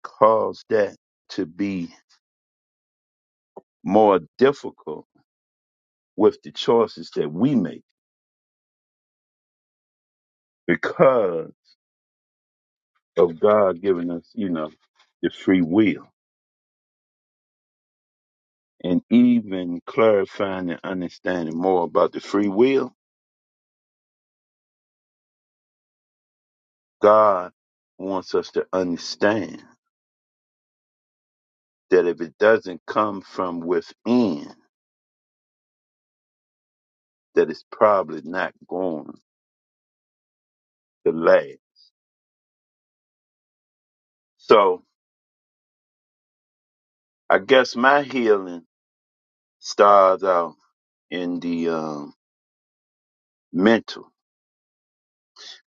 Speaker 1: cause that to be more difficult with the choices that we make because of God giving us, you know, the free will. And even clarifying and understanding more about the free will God wants us to understand that if it doesn't come from within, that it's probably not going to last. So I guess my healing starts out in the um, mental.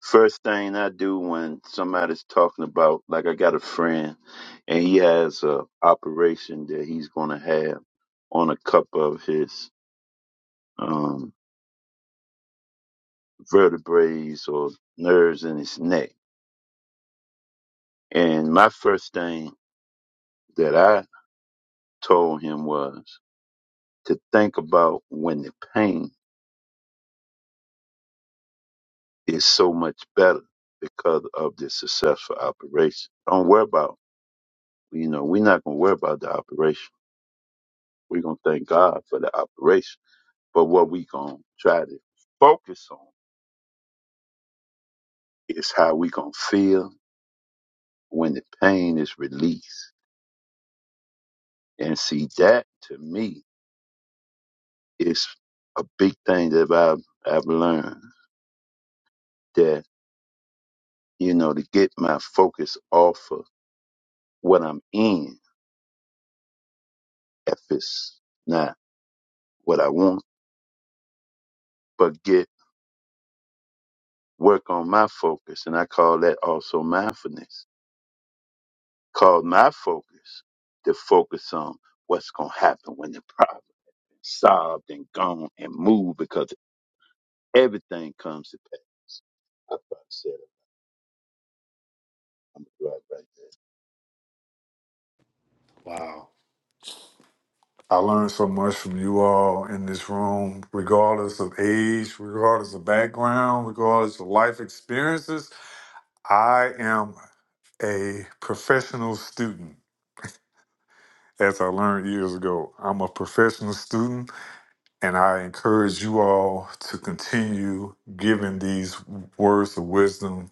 Speaker 1: First thing I do when somebody's talking about, like I got a friend and he has a operation that he's going to have on a couple of his um, vertebrae or nerves in his neck. And my first thing that I told him was to think about when the pain is so much better because of the successful operation. Don't worry about, you know, we're not going to worry about the operation. We're going to thank God for the operation. But what we going to try to focus on is how we going to feel when the pain is released. And see, that to me is a big thing that I've, I've learned that, you know, to get my focus off of what I'm in if it's not what I want, but get work on my focus. And I call that also mindfulness. Call my focus to focus on what's going to happen when the problem is solved and gone and moved because everything comes to pass. I probably said it. I'm right right
Speaker 5: Wow. I learned so much from you all in this room, regardless of age, regardless of background, regardless of life experiences. I am a professional student. As I learned years ago, I'm a professional student, and I encourage you all to continue giving these words of wisdom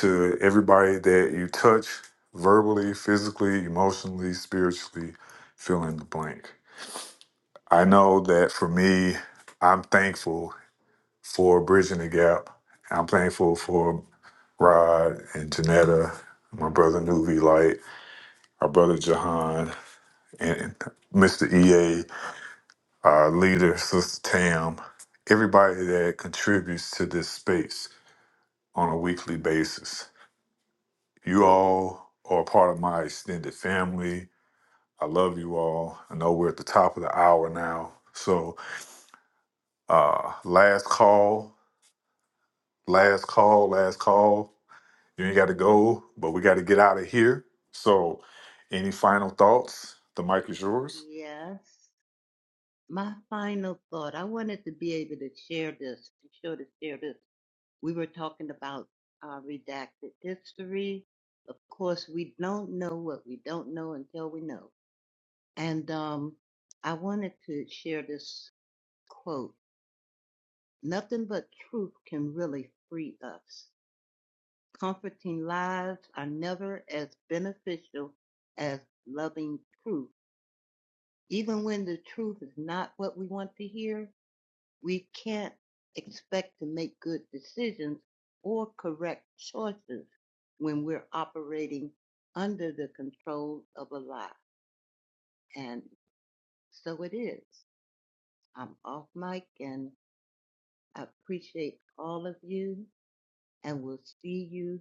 Speaker 5: to everybody that you touch verbally, physically, emotionally, spiritually, fill in the blank. I know that for me, I'm thankful for Bridging the Gap. I'm thankful for Rod and Janetta, my brother Nuvi Light, our brother Jahan, and Mr. EA, our leader, Sister Tam, everybody that contributes to this space on a weekly basis. You all are part of my extended family. I love you all. I know we're at the top of the hour now. So, uh, last call, last call, last call. You ain't got to go, but we got to get out of here. So, any final thoughts? The mic is yours.
Speaker 7: Yes. My final thought. I wanted to be able to share this, to sure to share this we were talking about uh, redacted history. Of course, we don't know what we don't know until we know. And um, I wanted to share this quote Nothing but truth can really free us. Comforting lies are never as beneficial as loving truth. Even when the truth is not what we want to hear, We can't expect to make good decisions or correct choices when we're operating under the control of a lie. And so it is. I'm off mic and I appreciate all of you and we'll see you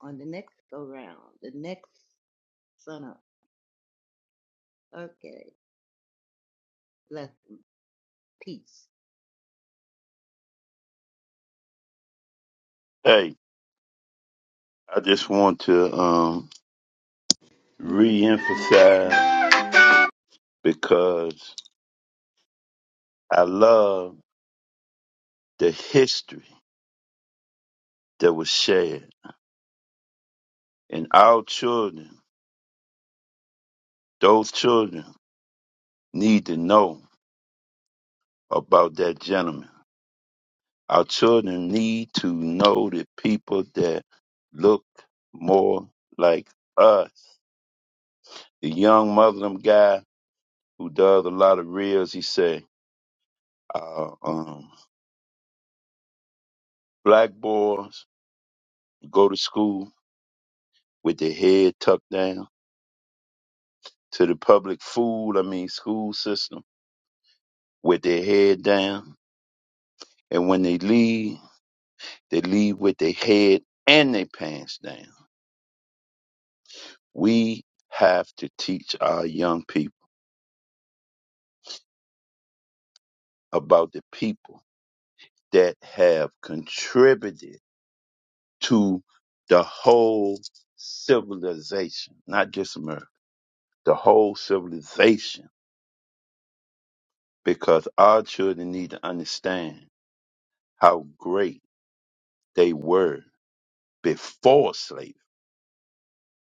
Speaker 7: on the next go round, the next sun up. Okay. Blessings. Peace.
Speaker 1: there. Hey, I just want to um, emphasize because I love the history that was shared and our children Those children need to know about that gentleman. Our children need to know the people that look more like us. The young Muslim guy who does a lot of reels, he said, uh, um, black boys go to school with their head tucked down to the public food, I mean school system, with their head down. And when they leave, they leave with their head and their pants down. We have to teach our young people about the people that have contributed to the whole civilization, not just America, the whole civilization, because our children need to understand how great they were before slavery,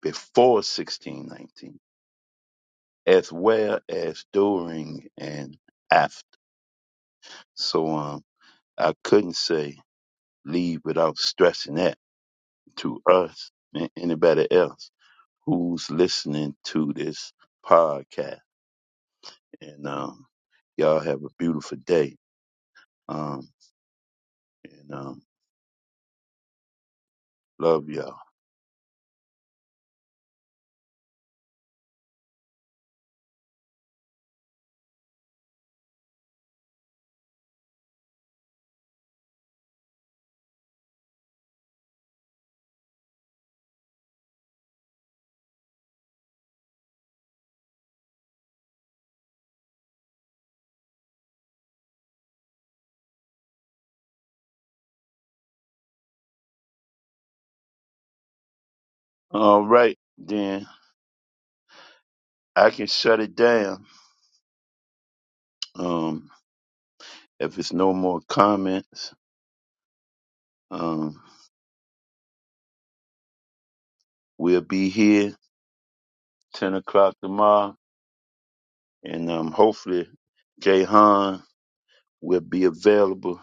Speaker 1: before 1619, as well as during and after. So um, I couldn't say leave without stressing that to us than anybody else who's listening to this podcast. And um, y'all have a beautiful day. Um, and um, love y'all. All right, then I can shut it down. Um, if it's no more comments, um, we'll be here ten o'clock tomorrow, and um, hopefully, Jay Han will be available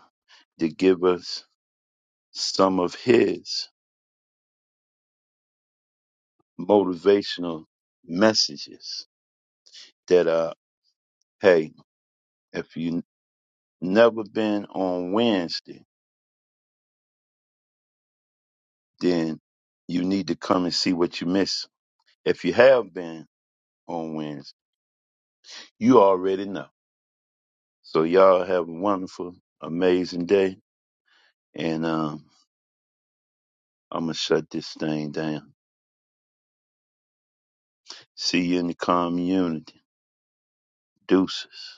Speaker 1: to give us some of his motivational messages that uh hey if you never been on wednesday then you need to come and see what you miss if you have been on wednesday you already know so y'all have a wonderful amazing day and um i'm gonna shut this thing down see you in the community deuces